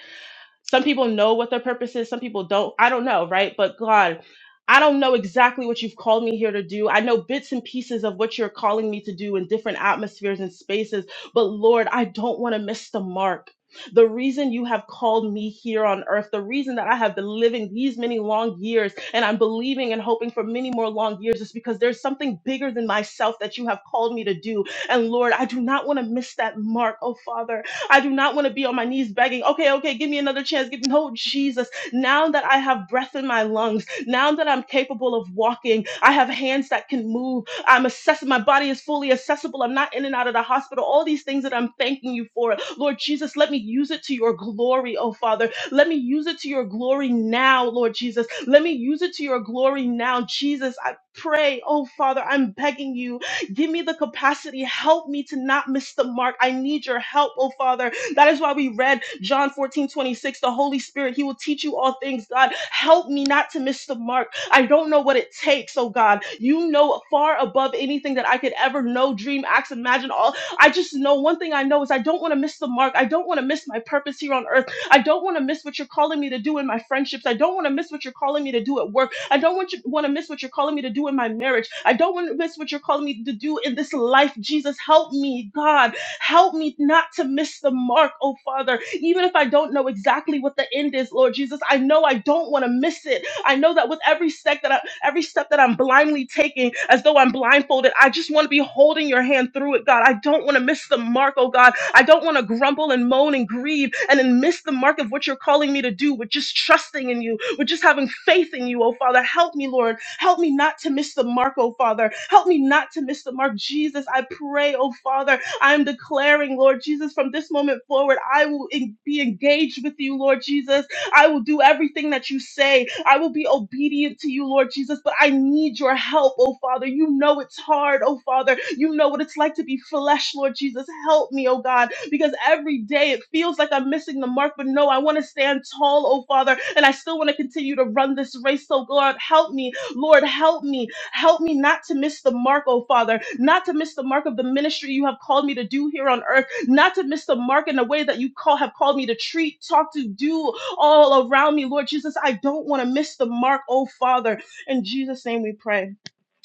B: some people know what their purpose is, some people don't. I don't know, right? But God, I don't know exactly what you've called me here to do. I know bits and pieces of what you're calling me to do in different atmospheres and spaces, but Lord, I don't want to miss the mark. The reason you have called me here on earth, the reason that I have been living these many long years and I'm believing and hoping for many more long years is because there's something bigger than myself that you have called me to do. And Lord, I do not want to miss that mark, oh Father. I do not want to be on my knees begging, okay, okay, give me another chance. Give me, no Jesus. Now that I have breath in my lungs, now that I'm capable of walking, I have hands that can move. I'm assess my body is fully accessible. I'm not in and out of the hospital. All these things that I'm thanking you for. Lord Jesus, let me use it to your glory, oh Father. Let me use it to your glory now, Lord Jesus. Let me use it to your glory now. Jesus, I pray, oh Father, I'm begging you Give me the capacity. Help me to not miss the mark. I need your help, oh Father. That is why we read John 14:26. The Holy Spirit, He will teach you all things, God. Help me not to miss the mark. I don't know what it takes, oh God. You know far above anything that I could ever know, dream, act, imagine, all. I just know one thing I know is I don't want to miss the mark. I don't want to miss my purpose here on earth. I don't want to miss what you're calling me to do in my friendships. I don't want to miss what you're calling me to do at work. I don't want you want to miss what you're calling me to do in my marriage. I don't want to miss what you're calling me to do in this life. Jesus, help me, God. Help me not to miss the mark, oh Father. Even if I don't know exactly what the end is, Lord Jesus, I know I don't want to miss it. I know that with every step that I every step that I'm blindly taking as though I'm blindfolded. I just want to be holding your hand through it, God. I don't want to miss the mark, oh God. I don't want to grumble and moan and grieve and then miss the mark of what you're calling me to do with just trusting in you, with just having faith in you, oh Father. Help me, Lord. Help me not to miss the mark, oh Father. Help me not to miss the mark. Jesus, I pray, oh Father. I am declaring, Lord Jesus, from this moment forward, I will en- be engaged with you, Lord Jesus. I will do everything that you say. I will be obedient to you, Lord Jesus, but I need your help, oh Father. You know it's hard, oh Father. You know what it's like to be flesh, Lord Jesus. Help me, oh God, because every day it feels like I'm missing the mark, but no, I want to stand tall, oh Father, and I still want to continue to run this race. So, God, help me, Lord, help me. Help me not to miss the mark, oh Father, not to miss the mark of the ministry you have called me to do here on earth, not to miss the mark in the way that you call have called me to treat, talk to, do, all around me, Lord Jesus. I don't want to miss the mark, oh Father. In Jesus' name we pray.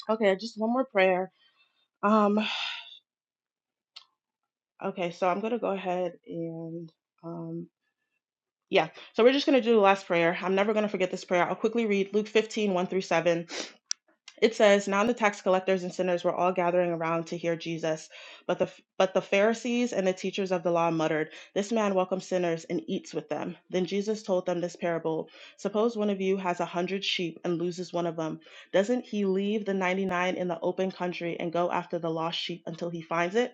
B: Okay, just one more prayer. Um, okay, so I'm gonna go ahead and um yeah, so we're just gonna do the last prayer. I'm never gonna forget this prayer. I'll quickly read Luke 15, one through 7. It says, "Now the tax collectors and sinners were all gathering around to hear Jesus, but the but the Pharisees and the teachers of the law muttered, 'This man welcomes sinners and eats with them." Then Jesus told them this parable: Suppose one of you has a hundred sheep and loses one of them. Doesn't he leave the ninety nine in the open country and go after the lost sheep until he finds it?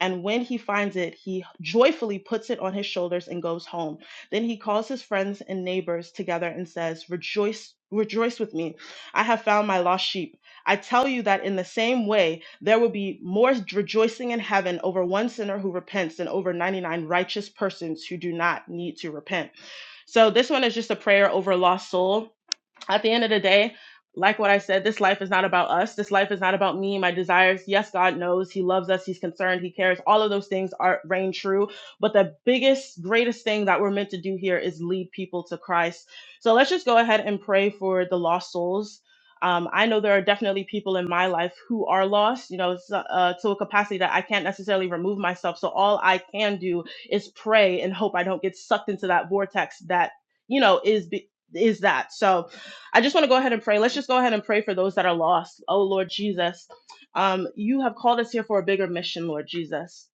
B: And when he finds it, he joyfully puts it on his shoulders and goes home. Then he calls his friends and neighbors together and says, Rejoice. Rejoice with me. I have found my lost sheep. I tell you that in the same way, there will be more rejoicing in heaven over one sinner who repents than over 99 righteous persons who do not need to repent. So, this one is just a prayer over a lost soul at the end of the day, like what I said, this life is not about us. This life is not about me, my desires. Yes, God knows. He loves us. He's concerned. He cares. All of those things are reign true. But the biggest, greatest thing that we're meant to do here is lead people to Christ. So let's just go ahead and pray for the lost souls. Um, I know there are definitely people in my life who are lost, you know, s- uh, to a capacity that I can't necessarily remove myself. So all I can do is pray and hope I don't get sucked into that vortex that, you know, is be- is that. So I just want to go ahead and pray. Let's just go ahead and pray for those that are lost. Oh, Lord Jesus, um, you have called us here for a bigger mission, Lord Jesus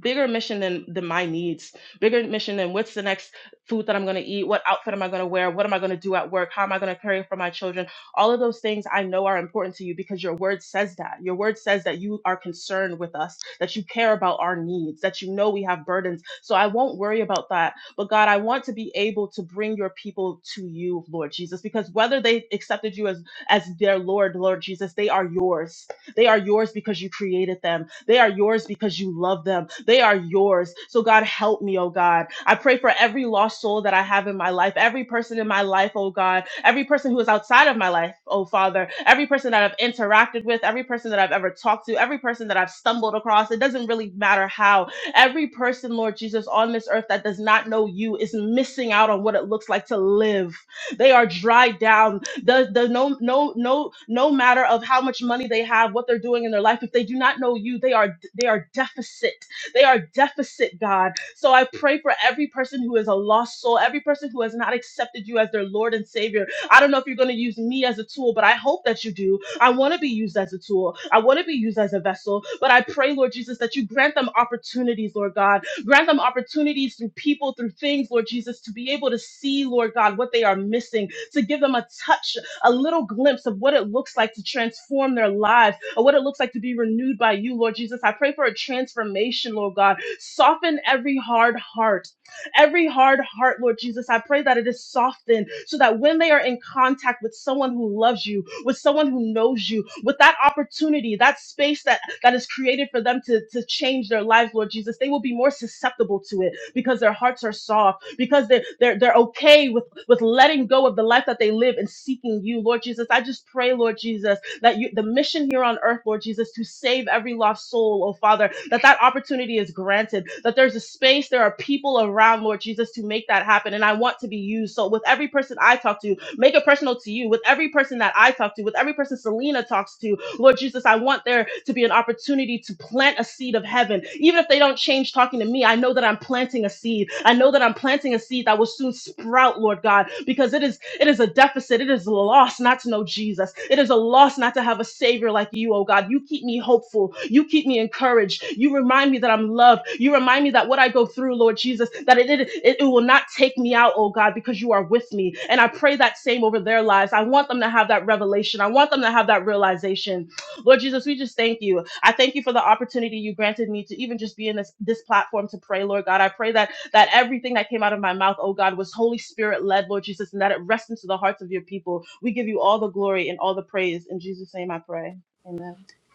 B: bigger mission than than my needs bigger mission than what's the next food that i'm going to eat what outfit am i going to wear what am i going to do at work how am i going to care for my children all of those things i know are important to you because your word says that your word says that you are concerned with us that you care about our needs that you know we have burdens so i won't worry about that but god i want to be able to bring your people to you lord jesus because whether they accepted you as as their lord lord jesus they are yours they are yours because you created them they are yours because you love them. They are yours. So, God, help me, oh God. I pray for every lost soul that I have in my life, every person in my life, oh God, every person who is outside of my life, oh Father, every person that I've interacted with, every person that I've ever talked to, every person that I've stumbled across. It doesn't really matter how. Every person, Lord Jesus, on this earth that does not know you is missing out on what it looks like to live. They are dried down does does no no no no matter of how much money they have, what they're doing in their life, if they do not know you, they are they are deficit. They are deficit, God. So I pray for every person who is a lost soul, every person who has not accepted you as their Lord and Savior. I don't know if you're going to use me as a tool, but I hope that you do. I want to be used as a tool. I want to be used as a vessel. But I pray, Lord Jesus, that you grant them opportunities, Lord God, Grant them opportunities through people, through things, Lord Jesus, to be able to see, Lord God, what they are missing, to give them a touch, a little glimpse of what it looks like to transform their lives or what it looks like to be renewed by you, Lord Jesus. I pray for a transformation, Lord God. Soften every hard heart, every hard heart, Lord Jesus. I pray that it is softened so that when they are in contact with someone who loves you, with someone who knows you, with that opportunity, that space that that is created for them to, to change their lives, Lord Jesus, they will be more susceptible to it because their hearts are soft, because they're they're they're okay with, with letting go of the life that they live and seeking you, Lord Jesus. I just pray, Lord Jesus, that you the mission here on earth, Lord Jesus, to save every lost soul, oh Father, that that opportunity is granted, that there's a space, there are people around, Lord Jesus, to make that happen. And I want to be used. So with every person I talk to, make it personal to you. With every person that I talk to, with every person Selena talks to, Lord Jesus, I want there to be an opportunity to plant a seed of heaven. Even if they don't change talking to me, I know that I'm planting a seed. I know that I'm planting a seed that will soon sprout, Lord God, because it is it is a deficit. It is a loss not to know Jesus. It is a loss not to have a savior like you, oh God. You keep me hopeful. You keep me encouraged. You remind me that I'm loved. You remind me that what I go through, Lord Jesus, that it, it, it it will not take me out, oh God, because you are with me. And I pray that same over their lives. I want them to have that revelation. I want them to have that realization Lord Jesus, we just thank you. I thank you for the opportunity you granted me to even just be in this, this platform to pray, Lord God. I pray that that everything that came out of my mouth, oh God, was Holy Spirit led, Lord Jesus, and that it rests into the hearts of your people. We give you all the glory and all the praise. In Jesus' name I pray. Amen.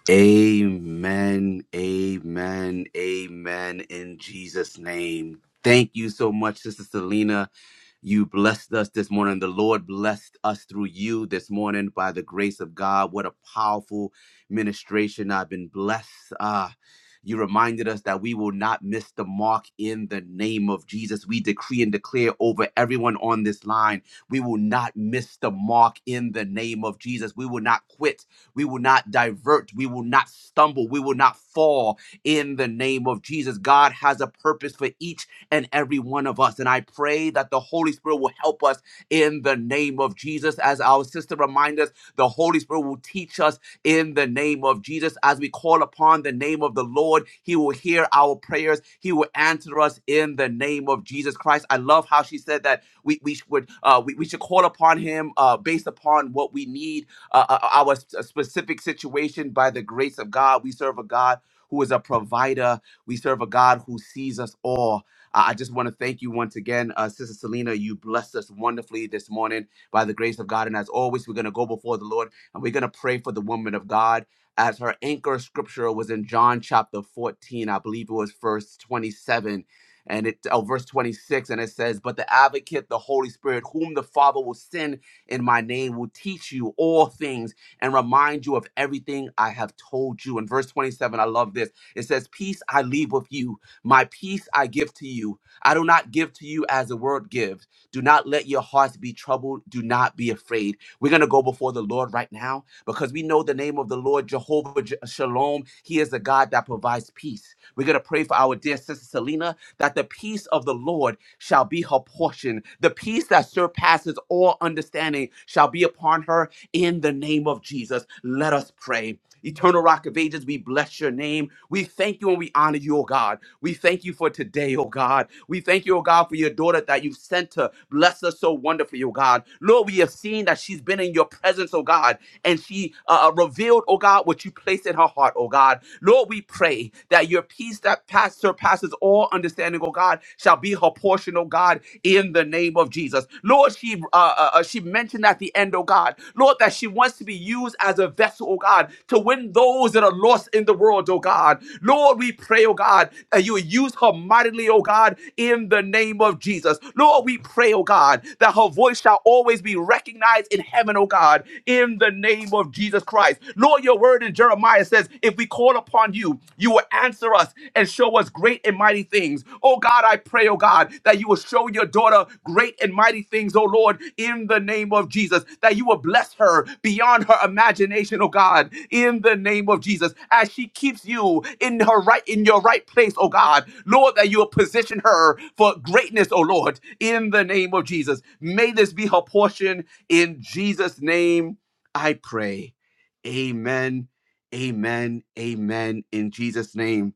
A: Amen. Amen. Amen. In Jesus' name. Thank you so much, Sister Selena You blessed us this morning. The Lord blessed us through you this morning by the grace of God. What a powerful ministration. I've been blessed. Ah, you reminded us that we will not miss the mark in the name of Jesus. We decree and declare over everyone on this line we will not miss the mark in the name of Jesus. We will not quit. We will not divert. We will not stumble. We will not fall in the name of Jesus. God has a purpose for each and every one of us. And I pray that the Holy Spirit will help us in the name of Jesus. As our sister reminds us, the Holy Spirit will teach us in the name of Jesus. As we call upon the name of the Lord, He will hear our prayers. He will answer us in the name of Jesus Christ. I love how she said that we we would uh, we, we should call upon Him uh, based upon what we need, uh, uh, uh, our s- specific situation. By the grace of God, we serve a God who is a provider. We serve a God who sees us all. Uh, I just want to thank you once again, uh, Sister Selena. You blessed us wonderfully this morning by the grace of God. And as always, we're going to go before the Lord and we're going to pray for the woman of God. As her anchor scripture was in John chapter 14, I believe it was verse 27 and it oh, verse 26 and it says but the advocate the holy spirit whom the father will send in my name will teach you all things and remind you of everything i have told you in verse 27 i love this it says peace i leave with you my peace I give to you. I do not give to you as the world gives. Do not let your hearts be troubled. Do not be afraid. We're going to go before the Lord right now because we know the name of the Lord, Jehovah Je- Shalom. He is the God that provides peace. We're going to pray for our dear sister Selena that the peace of the Lord shall be her portion. The peace that surpasses all understanding shall be upon her in the name of Jesus. Let us pray. Eternal Rock of Ages, we bless your name. We thank you and we honor you, O God. We thank you for today, O God. We thank you, O God, for your daughter that you've sent to bless us so wonderfully, O God. Lord, we have seen that she's been in your presence, O God, and she uh, uh, revealed, O God, what you placed in her heart, O God. Lord, we we pray that your peace that pass, surpasses all understanding, oh God, shall be her portion, oh God, in the name of Jesus. Lord, she uh, uh, uh, she mentioned at the end, oh God, Lord, that she wants to be used as a vessel, oh God, to win those that are lost in the world, oh God. Lord, we pray, oh God, that you use her mightily, oh God, in the name of Jesus. Lord, we pray, oh God, that her voice shall always be recognized in heaven, oh God, in the name of Jesus Christ. Christ. Lord, your word in Jeremiah says, if we call upon you, you will answer us and show us great and mighty things. Oh God, I pray, oh God, that you will show your daughter great and mighty things, oh Lord, in the name of Jesus, that you will bless her beyond her imagination, oh God, in the name of Jesus, as she keeps you in her right, in your right place, oh God. Lord, that you will position her for greatness, oh Lord, in the name of Jesus. May this be her portion in Jesus' name. I pray. Amen. Amen. Amen. In Jesus' name.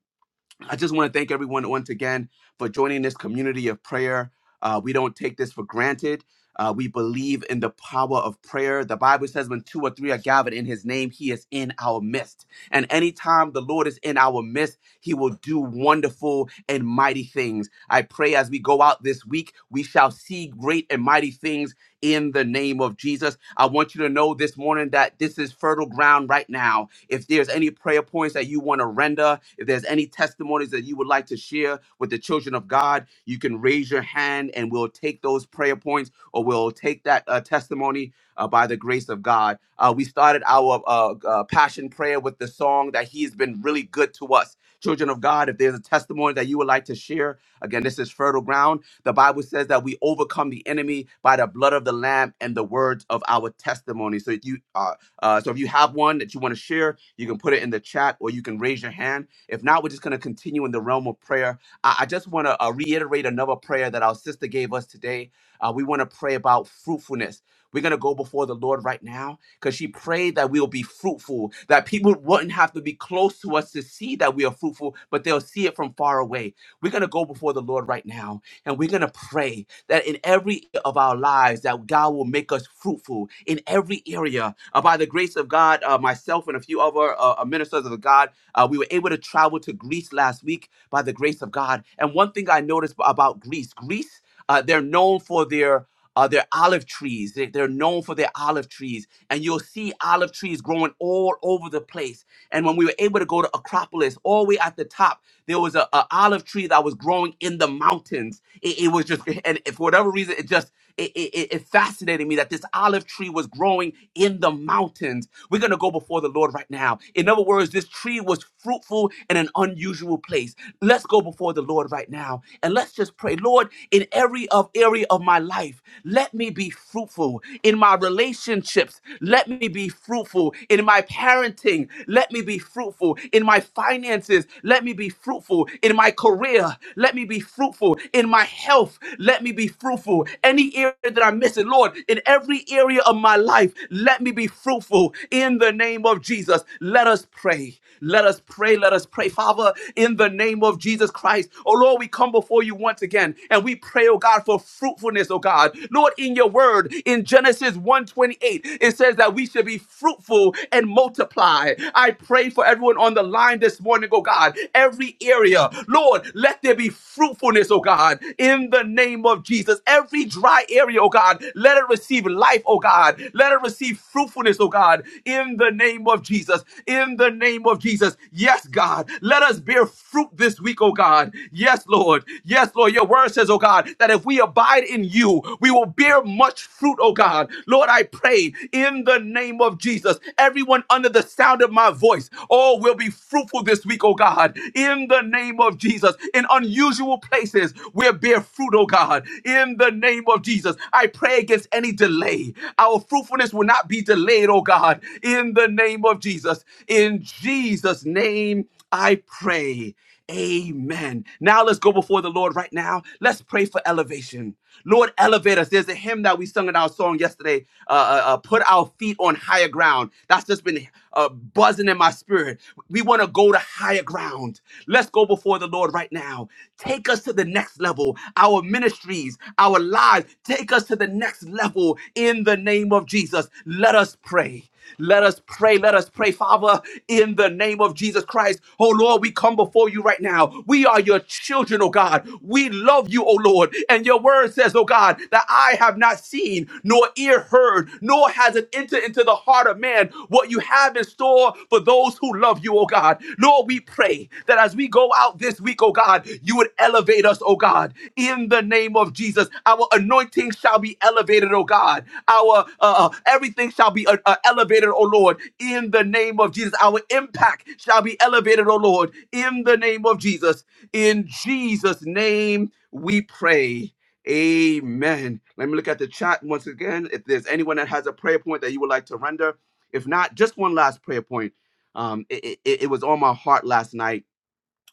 A: I just want to thank everyone once again for joining this community of prayer. Uh, we don't take this for granted. Uh, we believe in the power of prayer. The Bible says, when two or three are gathered in his name, he is in our midst. And anytime the Lord is in our midst, he will do wonderful and mighty things. I pray as we go out this week, we shall see great and mighty things in the name of Jesus. I want you to know this morning that this is fertile ground right now. If there's any prayer points that you want to render, if there's any testimonies that you would like to share with the children of God, you can raise your hand and we'll take those prayer points or we'll take that uh, testimony uh, by the grace of God. Uh, we started our uh, uh, passion prayer with the song that He has been really good to us. Children of God, if there's a testimony that you would like to share, again, this is fertile ground. The Bible says that we overcome the enemy by the blood of the Lamb and the words of our testimony. So if you uh, uh, so if you have one that you want to share, you can put it in the chat or you can raise your hand. If not, we're just going to continue in the realm of prayer. I, I just want to uh, reiterate another prayer that our sister gave us today. Uh, we want to pray about fruitfulness. We're going to go before the Lord right now because she prayed that we'll be fruitful, that people wouldn't have to be close to us to see that we are fruitful, but they'll see it from far away. We're going to go before the Lord right now and we're going to pray that in every area of our lives that God will make us fruitful in every area. Uh, by the grace of God, uh, myself and a few other uh, uh, ministers of God, uh, we were able to travel to Greece last week by the grace of God. And one thing I noticed about Greece, Greece, uh, they're known for their uh, their olive trees. They- They're known for their olive trees, and you'll see olive trees growing all over the place. And when we were able to go to Acropolis, all the way at the top, there was a, a olive tree that was growing in the mountains. It, it was just, and for whatever reason, it just it, it, it it fascinated me that this olive tree was growing in the mountains. We're going to go before the Lord right now. In other words, this tree was fruitful in an unusual place. Let's go before the Lord right now and let's just pray, Lord, in every of area of my life, let me be fruitful in my relationships. Let me be fruitful fruitful in my parenting. Let me be fruitful in my finances. Let me be fruitful in my career. Let me be fruitful in my health. Let me be fruitful. Any area that I'm missing, Lord, in every area of my life, let me be fruitful in the name of Jesus. Let us pray. Let us pray. Let us pray, Father, in the name of Jesus Christ. Oh Lord, we come before you once again and we pray, oh God, for fruitfulness, oh God. Lord, in your word, in Genesis one twenty-eight. 8, it says that we should be fruitful and multiply. I pray for everyone on the line this morning, oh God, every area. Lord, let there be fruitfulness, oh God, in the name of Jesus. Every dry area, oh God, let it receive life, oh God. Let it receive fruitfulness, oh God, in the name of Jesus. In the name of Jesus. Yes, God, let us bear fruit this week, oh God. Yes, Lord. Yes, Lord. Your word says, oh God, that if we abide in you, we will bear much much fruit, oh God. Lord, I pray in the name of Jesus, everyone under the sound of my voice, oh, will be fruitful this week, oh God, in the name of Jesus, in unusual places where bear fruit, oh God, in the name of Jesus. I pray against any delay. Our fruitfulness will not be delayed, oh God, in the name of Jesus. In Jesus' name, I pray. Amen. Now let's go before the Lord right now. Let's pray for elevation. Lord, elevate us. There's a hymn that we sung in our song yesterday, uh, uh, uh, Put Our Feet on Higher Ground. That's just been uh, buzzing in my spirit. We want to go to higher ground. Let's go before the Lord right now. Take us to the next level. Our ministries, our lives, take us to the next level in the name of Jesus. Let us pray. Let us pray. Let us pray, Father, in the name of Jesus Christ. Oh Lord, we come before you right now. We are your children, oh God. We love you, oh Lord. And your word says, oh God, that I have not seen, nor ear heard, nor has it entered into the heart of man what you have in store for those who love you, you, oh God. Lord, we pray that as we go out this week, oh God, you would elevate us, oh God, in the name of Jesus. Our anointing shall be elevated, oh God. Our uh, uh, everything shall be uh, uh, elevated, oh Lord, in the name of Jesus. Our impact shall be elevated, oh Lord, in the name of Jesus. In Jesus' name, we pray. Amen. Let me look at the chat once again. If there's anyone that has a prayer point that you would like to render, if not, just one last prayer point um, it, it, it was on my heart last night.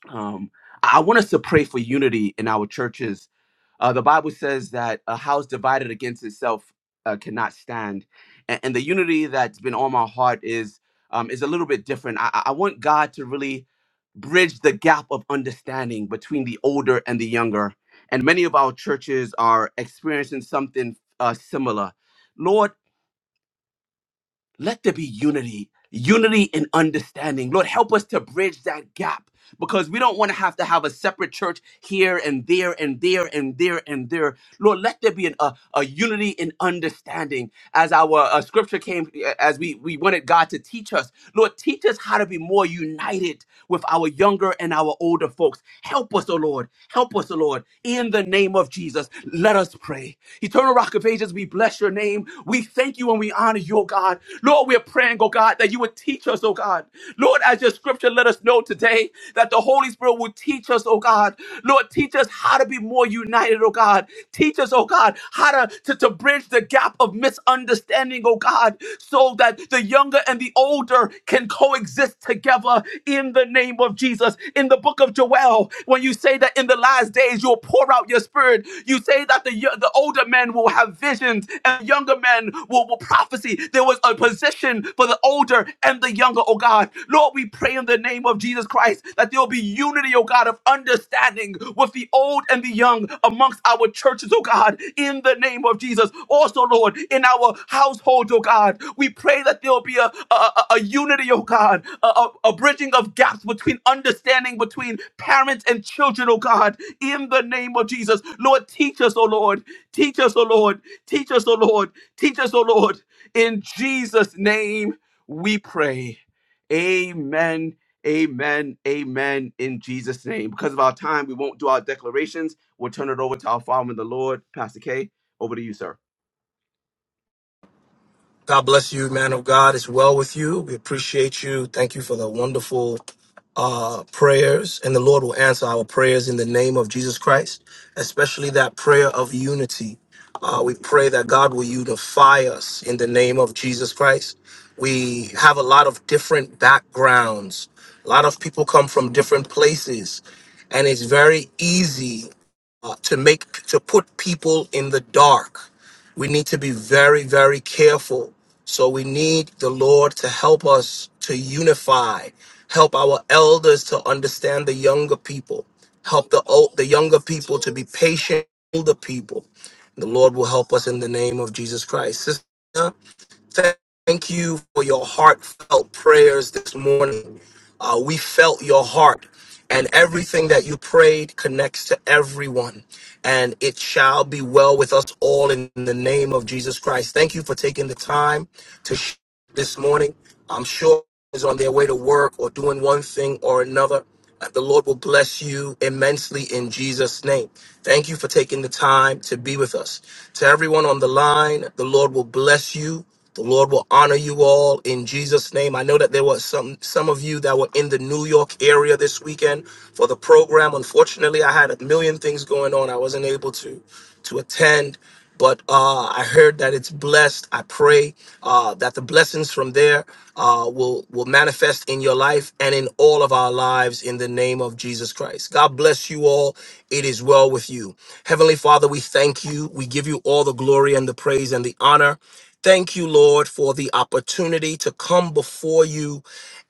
A: Um, I want us to pray for unity in our churches. Uh, the Bible says that a house divided against itself uh, cannot stand, and, and the unity that's been on my heart is um, is a little bit different. I, I I want God to really bridge the gap of understanding between the older and the younger, and many of our churches are experiencing something uh, similar. Lord, let there be unity, unity in understanding. Lord, help us to bridge that gap because we don't want to have to have a separate church here and there and there and there and there. Lord, let there be an, a, a unity in understanding as our uh, scripture came, as we, we wanted God to teach us. Lord, teach us how to be more united with our younger and our older folks. Help us, O Lord. Help us, O Lord. In the name of Jesus, let us pray. Eternal Rock of Ages, we bless your name. We thank you and we honor you, O God. Lord, we're praying, O God, that you would teach us, O God. Lord, as your scripture let us know today, that the Holy Spirit will teach us, O God. Lord, teach us how to be more united, oh God. Teach us, oh God, how to, to, to bridge the gap of misunderstanding, oh God, so that the younger and the older can coexist together in the name of Jesus. In the book of Joel, when you say that in the last days you'll pour out your spirit, you say that the, yo- the older men will have visions and younger men will, will prophecy. There was a position for the older and the younger, oh God. Lord, we pray in the name of Jesus Christ that there will be unity, oh God, of understanding with the old and the young amongst our churches, oh God, in the name of Jesus. Also, Lord, in our households, oh God, we pray that there will be a, a, a- a unity, oh God, a, a, a bridging of gaps between understanding between parents and children, oh God, in the name of Jesus. Lord, teach us, oh Lord, teach us, oh Lord, teach us, oh Lord, teach us, oh Lord, in Jesus' name we pray. Amen. Amen. Amen. In Jesus' name. Because of our time, we won't do our declarations. We'll turn it over to our Father in the Lord, Pastor K. Over to you, sir.
C: God bless you, man of God. It's well with you. We appreciate you. Thank you for the wonderful uh, prayers. And the Lord will answer our prayers in the name of Jesus Christ, especially that prayer of unity. Uh, we pray that God will unify us in the name of Jesus Christ. We have a lot of different backgrounds, a lot of people come from different places. And it's very easy uh, to make to put people in the dark. We need to be very, very careful. So we need the Lord to help us to unify, help our elders to understand the younger people, help the old, the younger people to be patient, with the older people. The Lord will help us in the name of Jesus Christ. Sister, Thank you for your heartfelt prayers this morning. Uh, we felt your heart, and everything that you prayed connects to everyone. And it shall be well with us all in the name of Jesus Christ. Thank you for taking the time to share this morning. I'm sure is on their way to work or doing one thing or another. Uh, The Lord will bless you immensely in Jesus' name. Thank you for taking the time to be with us. To everyone on the line, the Lord will bless you. The Lord will honor you all in Jesus' name. I know that there was some some of you that were in the New York area this weekend for the program. Unfortunately, I had a million things going on. I wasn't able to to attend but uh, I heard that it's blessed. I pray uh, that the blessings from there uh, will will manifest in your life and in all of our lives in the name of Jesus Christ. God bless you all. It is well with you. Heavenly Father, we thank you. We give you all the glory and the praise and the honor. Thank you, Lord, for the opportunity to come before you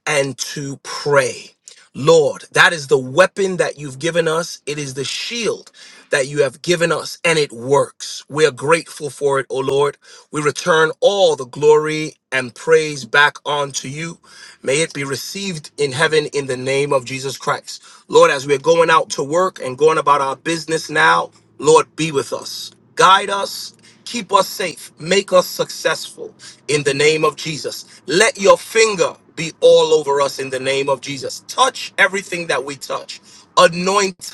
C: and to pray. Lord, that is the weapon that you've given us. It is the shield that you have given us, and it works. We are grateful for it, O Lord. We return all the glory and praise back onto you. May it be received in heaven in the name of Jesus Christ. Lord, as we're going out to work and going about our business now, Lord, be with us. Guide us Keep us safe. Make us successful in the name of Jesus. Let your finger be all over us in the name of Jesus. Touch everything that we touch. Anoint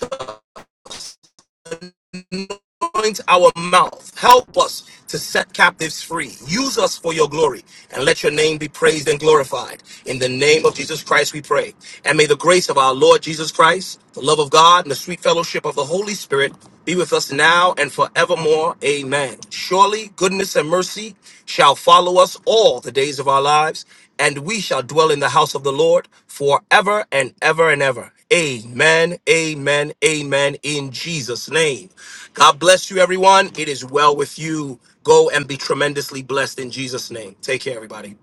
C: anoint our mouth. Help us to set captives free. Use us for your glory and let your name be praised and glorified. In the name of Jesus Christ, we pray. And may the grace of our Lord Jesus Christ, the love of God, and the sweet fellowship of the Holy Spirit be with us now and forevermore. Amen. Surely goodness and mercy shall follow us all the days of our lives, and we shall dwell in the house of the Lord forever and ever and ever. Amen. Amen. Amen. In Jesus' name. God bless you, everyone. It is well with you. Go and be tremendously blessed in Jesus' name. Take care, everybody.